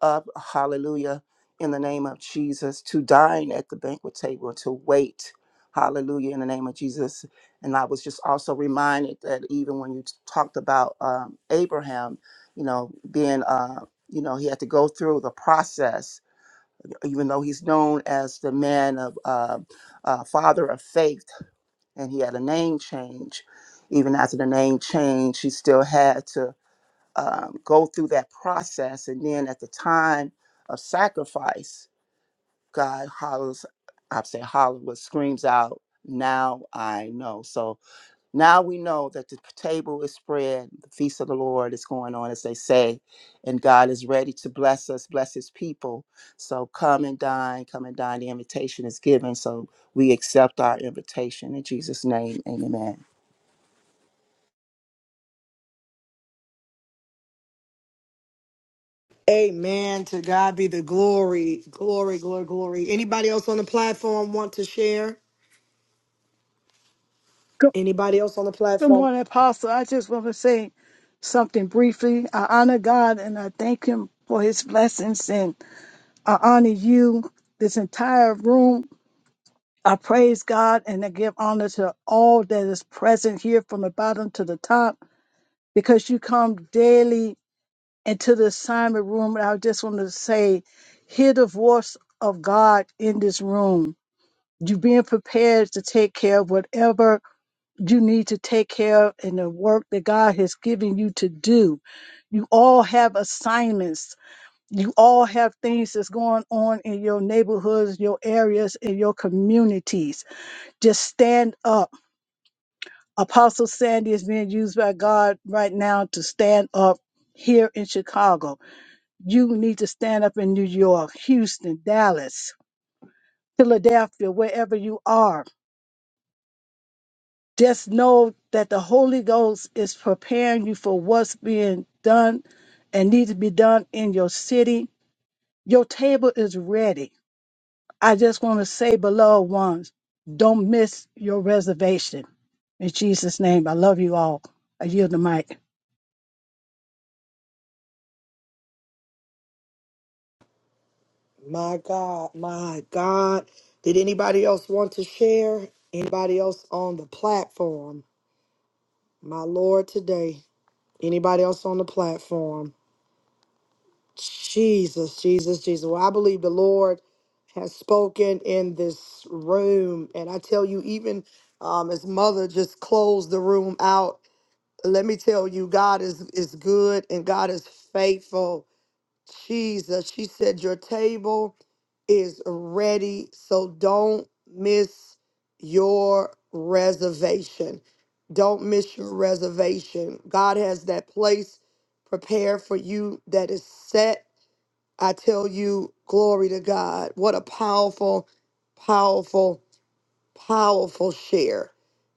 F: up, hallelujah, in the name of Jesus, to dine at the banquet table, to wait, hallelujah, in the name of Jesus and I was just also reminded that even when you t- talked about um, Abraham, you know, being, uh, you know, he had to go through the process, even though he's known as the man of uh, uh, father of faith, and he had a name change. Even after the name change, he still had to um, go through that process. And then at the time of sacrifice, God hollers, I say holler, but screams out, "Now I know." So now we know that the table is spread, the feast of the Lord is going on, as they say, and God is ready to bless us, bless his people. So come and dine, come and dine. The invitation is given, so we accept our invitation in Jesus' name. Amen.
A: Amen. To God be the glory. Glory, glory, glory. Anybody else on the platform want to share?
I: Good,
A: Anybody else on the
I: good
A: platform?
I: morning, Apostle. I just want to say something briefly. I honor God and I thank Him for His blessings, and I honor you, this entire room. I praise God and I give honor to all that is present here from the bottom to the top because you come daily into the assignment room. And I just want to say, hear the voice of God in this room. You being prepared to take care of whatever you need to take care of and the work that God has given you to do. You all have assignments. You all have things that's going on in your neighborhoods, your areas, in your communities. Just stand up. Apostle Sandy is being used by God right now to stand up here in Chicago. You need to stand up in New York, Houston, Dallas, Philadelphia, wherever you are Just know that the Holy Ghost is preparing you for what's being done and needs to be done in your city. Your table is ready. I just want to say, beloved ones, don't miss your reservation. In Jesus' name, I love you all. I yield the mic.
A: My God, my God. Did anybody else want to share? Anybody else on the platform? My Lord, today. Anybody else on the platform? Jesus, Jesus, Jesus. Well, I believe the Lord has spoken in this room. And I tell you, even um, his mother just closed the room out. Let me tell you, God is, is good and God is faithful. Jesus, she said, Your table. is ready. So don't miss your reservation. Don't miss your reservation. God has that place prepared for you that is set. I tell you, glory to God. What a powerful, powerful powerful share.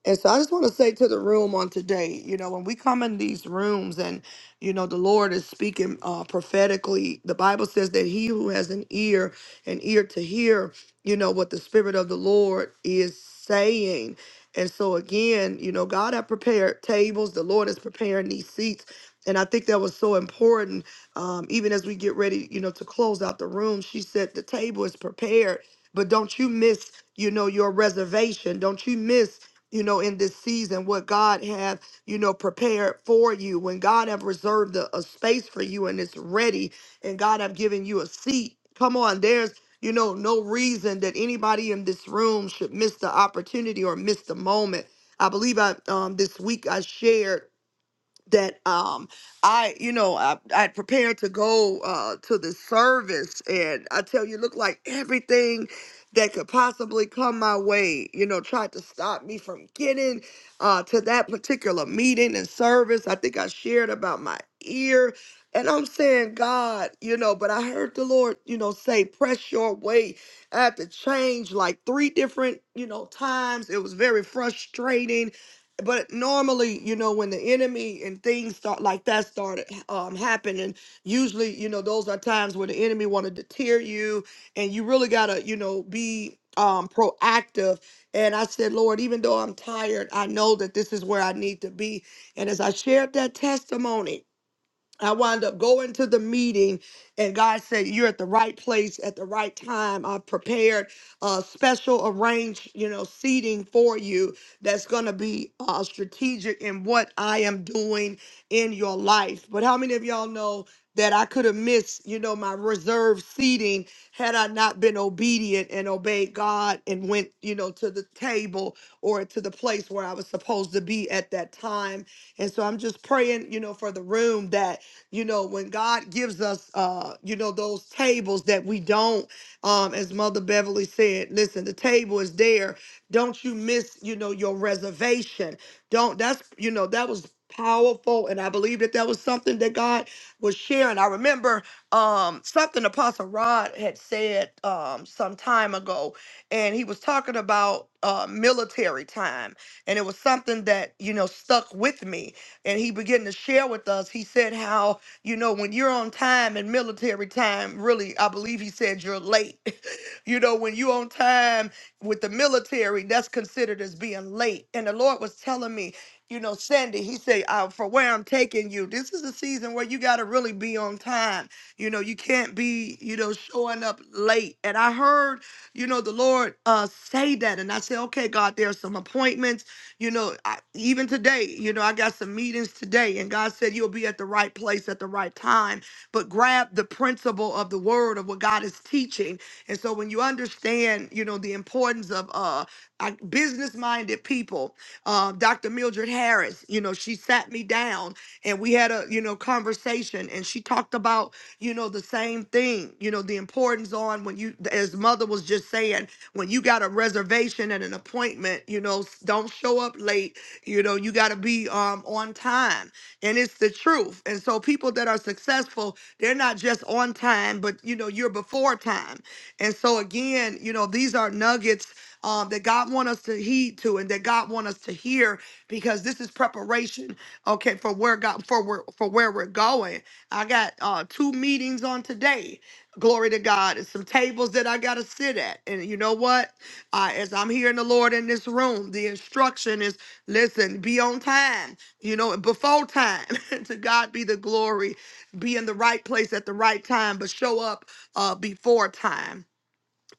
A: And so I just want to say to the room on today, you know, when we come in these rooms and, you know, the Lord is speaking uh, prophetically, the Bible says that he who has an ear, an ear to hear, you know, what the Spirit of the Lord is saying. And so again, you know, God had prepared tables, the Lord is preparing these seats. And I think that was so important. Um, even as we get ready, you know, to close out the room, she said, the table is prepared, but don't you miss you know, your reservation. Don't you miss, you know, in this season what God have, you know, prepared for you. When God have reserved a, a space for you and it's ready and God have given you a seat. Come on, there's you know, no reason that anybody in this room should miss the opportunity or miss the moment. I believe I um this week I shared that um I you know I I prepared to go uh to the service and I tell you looked like everything that could possibly come my way you know tried to stop me from getting uh to that particular meeting and service I think I shared about my ear and I'm saying God you know but I heard the Lord you know say press your way I had to change like three different you know times it was very frustrating but normally you know when the enemy and things start like that started um happening usually you know those are times where the enemy want to deter you and you really gotta you know be um proactive and i said lord even though i'm tired i know that this is where i need to be and as i shared that testimony I wound up going to the meeting, and God said, "You're at the right place at the right time. I've prepared a special arranged, you know, seating for you that's going to be uh, strategic in what I am doing in your life." But how many of y'all know that I could have missed, you know, my reserved seating had I not been obedient and obeyed God and went, you know, to the table or to the place where I was supposed to be at that time? And so I'm just praying, you know, for the room that you know when god gives us uh you know those tables that we don't um as mother beverly said listen the table is there don't you miss you know your reservation don't that's you know that was powerful and i believe that that was something that god was sharing i remember um something apostle rod had said um some time ago and he was talking about uh military time and it was something that you know stuck with me and he began to share with us he said how you know, when you're on time in military time, really, I believe he said you're late. you know, when you're on time with the military, that's considered as being late. And the Lord was telling me, you know, Sandy, he said, uh, for where I'm taking you, this is a season where you got to really be on time. You know, you can't be, you know, showing up late. And I heard, you know, the Lord uh, say that. And I said, okay, God, there's some appointments you know, I, even today, you know, I got some meetings today, and God said you'll be at the right place at the right time. But grab the principle of the word of what God is teaching. And so when you understand, you know, the importance of uh, business minded people, uh, Dr. Mildred Harris, you know, she sat me down and we had a, you know, conversation and she talked about, you know, the same thing, you know, the importance on when you, as mother was just saying, when you got a reservation and an appointment, you know, s- don't show up late. You know, you got to be um, on time. And it's the truth. And so people that are successful, they're not just on time, but, you know, you're before time. And so again, you know, these are nuggets um, that God want us to heed to and that God want us to hear because this is preparation, okay, for where God for where for where we're going. I got uh, two meetings on today glory to God, and some tables that I got to sit at. And you know what? Uh, as I'm hearing the Lord in this room, the instruction is listen, be on time, you know, before time. to God be the glory. Be in the right place at the right time, but show up uh, before time.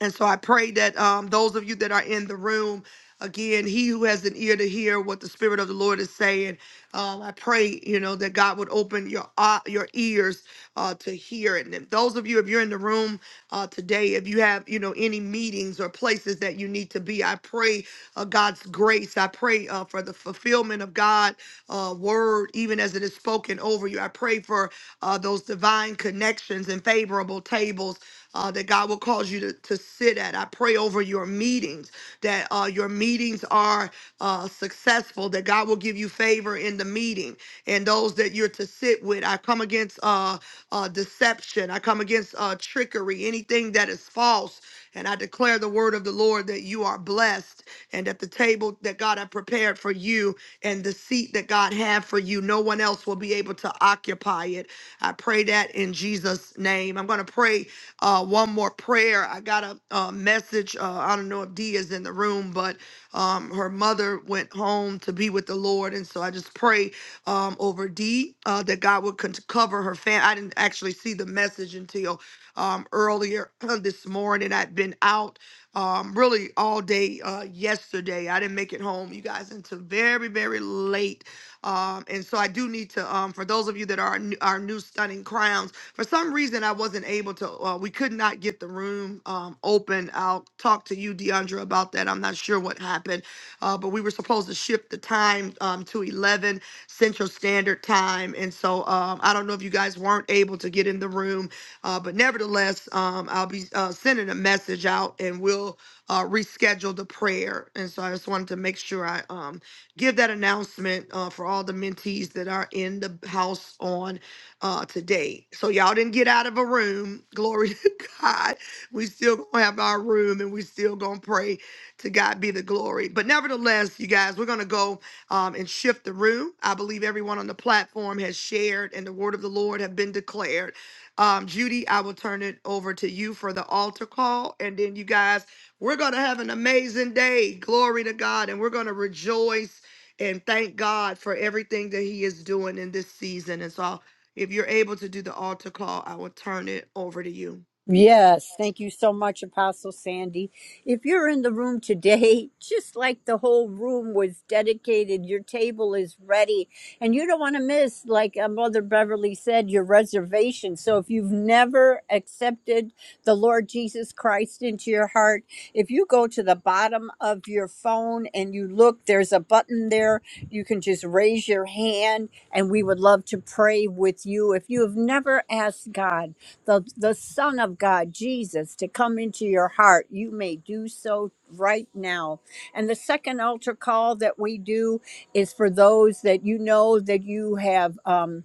A: And so I pray that um, those of you that are in the room, again, he who has an ear to hear what the Spirit of the Lord is saying, um, I pray, you know, that God would open your uh, your ears uh, to hear it. And if those of you, if you're in the room uh, today, if you have, you know, any meetings or places that you need to be, I pray uh, God's grace. I pray uh, for the fulfillment of God's uh, word, even as it is spoken over you. I pray for uh, those divine connections and favorable tables uh, that God will cause you to, to sit at. I pray over your meetings, that uh, your meetings are uh, successful, that God will give you favor in the meeting and those that you're to sit with. I come against uh, uh, deception, I come against uh, trickery, anything that is false. And I declare the word of the Lord that you are blessed and at the table that God had prepared for you and the seat that God had for you, no one else will be able to occupy it. I pray that in Jesus' name. I'm going to pray uh, one more prayer. I got a, uh message. Uh, I don't know if Dee is in the room, but um, her mother went home to be with the Lord, and so I just pray um, over Dee uh, that God would con- cover her fam. I didn't actually see the message until um, earlier this morning. I'd been out um, really all day uh, yesterday. I didn't make it home, you guys, until very, very late. Um, and so I do need to, um, for those of you that are new, our new stunning crowns. For some reason, I wasn't able to. Uh, we could not get the room um, open. I'll talk to you, Deandra, about that. I'm not sure what happened, uh, but we were supposed to shift the time um, to 11 Central Standard Time, and so um, I don't know if you guys weren't able to get in the room, uh, but nevertheless, um, I'll be uh, sending a message out, and we'll uh, reschedule the prayer. And so I just wanted to make sure I um, give that announcement uh, for all the mentees that are in the house on uh, today. So y'all didn't get out of a room. Glory to God. We still gonna have our room and we still gonna pray to God be the glory. But nevertheless, you guys, we're gonna go um, and shift the room. I believe everyone on the platform has shared and the word of the Lord have been declared. Um, Judy, I will turn it over to you for the altar call. And then you guys, we're gonna have an amazing day. Glory to God, and we're gonna rejoice and thank God for everything that He is doing in this season. And so if you're able to do the altar call, I will turn it over to you.
D: Yes, thank you so much, Apostle Sandy. If you're in the room today, just like the whole room was dedicated, your table is ready, and you don't want to miss, like uh, Mother Beverly said, your reservation. So if you've never accepted the Lord Jesus Christ into your heart, if you go to the bottom of your phone and you look, there's a button there. You can just raise your hand, and we would love to pray with you. If you have never asked God, the, the Son of God, Jesus, to come into your heart, you may do so right now. And the second altar call that we do is for those that you know that you have. Um,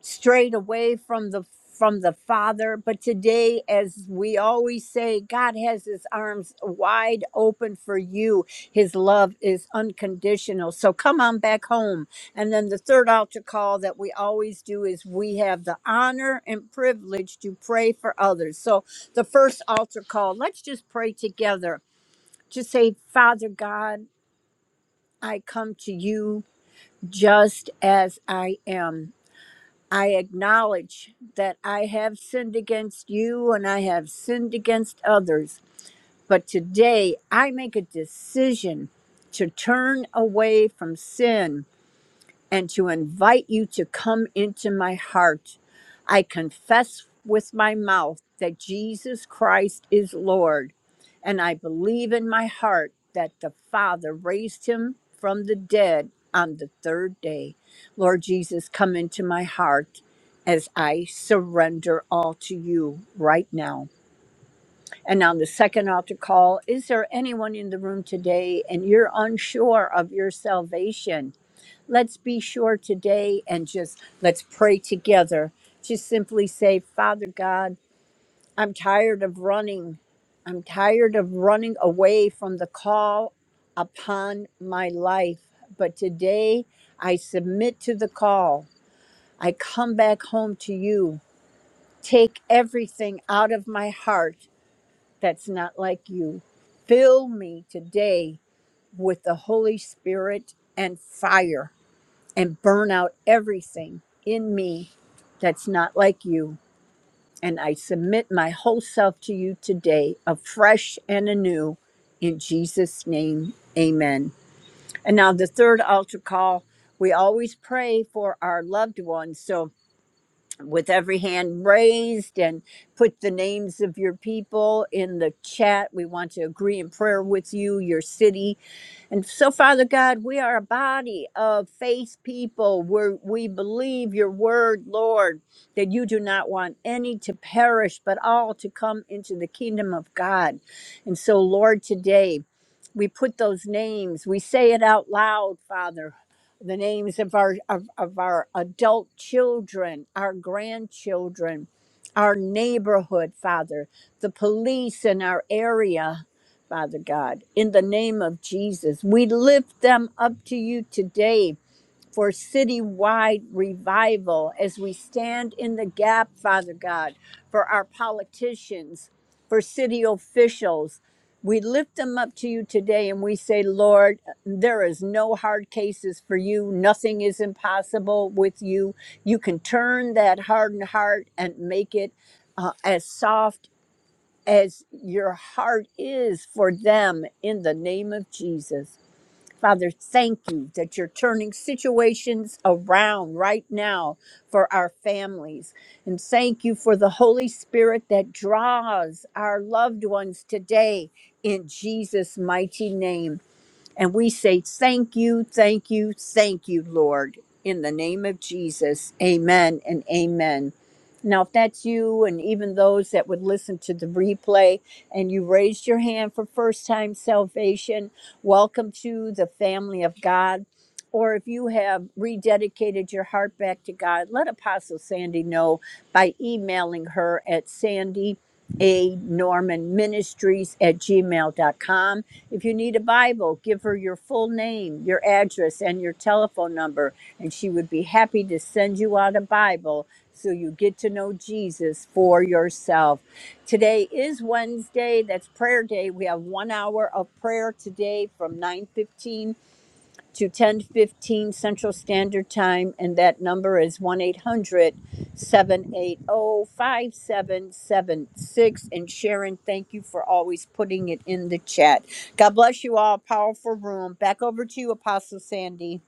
D: strayed away from the from the father but today as we always say god has his arms wide open for you his love is unconditional so come on back home and then the third altar call that we always do is we have the honor and privilege to pray for others so the first altar call let's just pray together just say father god i come to you just as i am I acknowledge that I have sinned against you and I have sinned against others. But today I make a decision to turn away from sin and to invite you to come into my heart. I confess with my mouth that Jesus Christ is Lord, and I believe in my heart that the Father raised him from the dead on the third day. Lord Jesus, come into my heart as I surrender all to you right now. And on the second altar call, is there anyone in the room today and you're unsure of your salvation? let's be sure today and just let's pray together. Just simply say, Father God, I'm tired of running. I'm tired of running away from the call upon my life. But today I submit to the call. I come back home to you. Take everything out of my heart that's not like you. Fill me today with the Holy Spirit and fire and burn out everything in me that's not like you. And I submit my whole self to you today, afresh and anew, in Jesus' name. Amen. And now, the third altar call we always pray for our loved ones. So, with every hand raised and put the names of your people in the chat. We want to agree in prayer with you, your city. And so, Father God, we are a body of faith people where we believe your word, Lord, that you do not want any to perish, but all to come into the kingdom of God. And so, Lord, today, we put those names we say it out loud father the names of our of, of our adult children our grandchildren our neighborhood father the police in our area father god in the name of jesus we lift them up to you today for citywide revival as we stand in the gap, Father God, for our politicians, for city officials. We lift them up to you today and we say, Lord, there is no hard cases for you. Nothing is impossible with you. You can turn that hardened heart and make it uh, as soft as your heart is for them in the name of Jesus. Father, thank you that you're turning situations around right now for our families. And thank you for the Holy Spirit that draws our loved ones today in Jesus' mighty name. And we say, Thank you, thank you, thank you, Lord, in the name of Jesus. Amen and amen. Now, if that's you and even those that would listen to the replay and you raised your hand for first time salvation, welcome to the family of God. Or if you have rededicated your heart back to God, let Apostle Sandy know by emailing her at sandy a norman ministries at gmail dot com. If you need a Bible, give her your full name, your address, and your telephone number, and she would be happy to send you out a Bible so you get to know Jesus for yourself. Today is Wednesday. That's prayer day. We have one hour of prayer today from 9:15 to 10:15 Central Standard Time, and that number is 1-800-780-5776. And Sharon, thank you for always putting it in the chat. God bless you all. Powerful room. Back over to you, Apostle Sandy.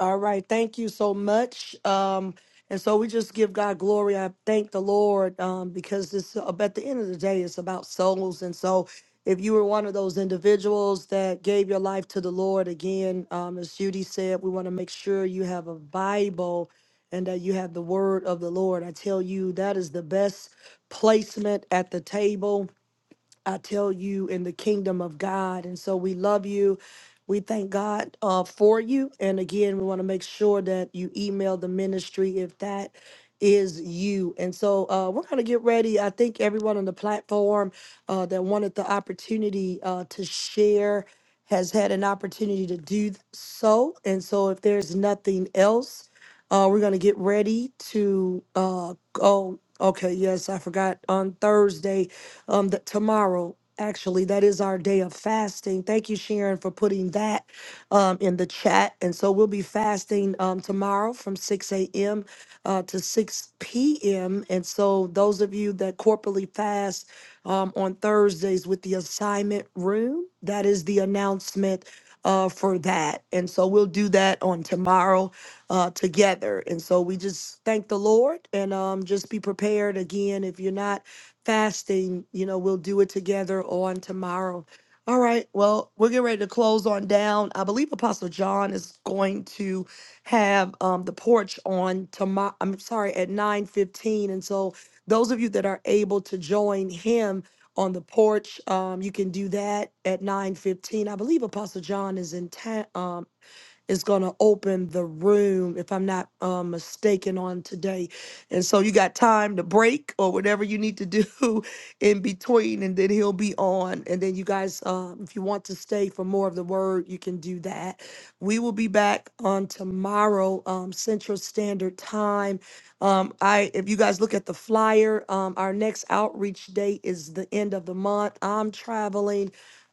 A: All right. Thank you so much. Um, and so we just give God glory. I thank the Lord um, because this, at the end of the day, it's about souls. And so if you were one of those individuals that gave your life to the Lord, again, um, as Judy said, we want to make sure you have a Bible and that you have the word of the Lord. I tell you, that is the best placement at the table. I tell you, in the kingdom of God. And so we love you. We thank God uh, for you. And again, we want to make sure that you email the ministry if that is you. And so uh, we're going to get ready. I think everyone on the platform uh, that wanted the opportunity uh, to share has had an opportunity to do so. And so if there's nothing else, uh, we're going to get ready to uh, go. Okay, yes, I forgot on Thursday, um, the, tomorrow. Actually, that is our day of fasting. Thank you, Sharon, for putting that um, in the chat. And so we'll be fasting um, tomorrow from 6 a.m. Uh, to 6 p.m. And so, those of you that corporately fast um, on Thursdays with the assignment room, that is the announcement uh, for that. And so, we'll do that on tomorrow uh, together. And so, we just thank the Lord and um, just be prepared again if you're not fasting. You know, we'll do it together on tomorrow. All right. Well, we're getting ready to close on down. I believe Apostle John is going to have um, the porch on tomorrow. I'm sorry, at 9:15. And so, those of you that are able to join him on the porch, um, you can do that at 9:15. I believe Apostle John is in town is going to open the room, if I'm not uh, mistaken, on today. And so you got time to break or whatever you need to do in between, and then he'll be on. And then you guys, uh, if you want to stay for more of the word, you can do that. We will be back on tomorrow, um, Central Standard Time. Um, I, if you guys look at the flyer, um, our next outreach date is the end of the month. I'm traveling.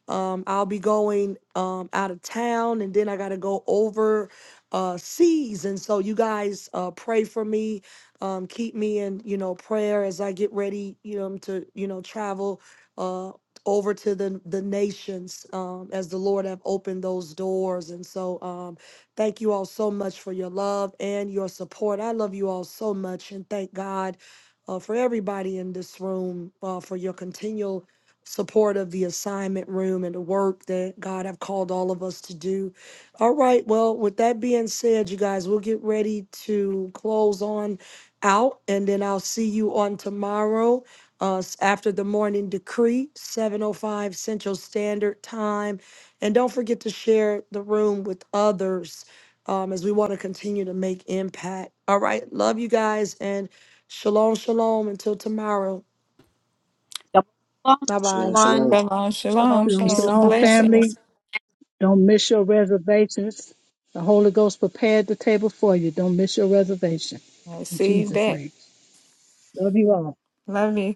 A: Um, I'll be going um, out of town and then I got to go over uh, seas. And so you guys uh, pray for me, um, keep me in, you know, prayer as I get ready, you know, to, you know, travel uh, over to the, the nations um, as the Lord have opened those doors. And so um, thank you all so much for your love and your support. I love you all so much and thank God uh, for everybody in this room uh, for your continual support of the assignment room and the work that God have called all of us to do. All right, well, with that being said, you guys, we'll get ready to close on out and then I'll see you on tomorrow uh s- after the morning decree 705 Central Standard Time. And don't forget to share the room with others um as we want to continue to make impact. All right, love you guys and shalom shalom until tomorrow.
D: God bless you all,
A: Bye-bye.
B: Shalom,
D: everyone.
B: shalom.
G: Shalom,
J: Shalom,
G: shalom.
I: Shalom,
G: Peace
J: shalom.
G: and
J: God
I: shalom,
J: bless
G: blessing.
J: you.
I: family. Don't miss your reservations. The Holy Ghost prepared the table for you. Don't miss your reservation.
G: I
I: In
G: receive
I: Jesus'
G: that.
I: name. Love you all.
G: Love you.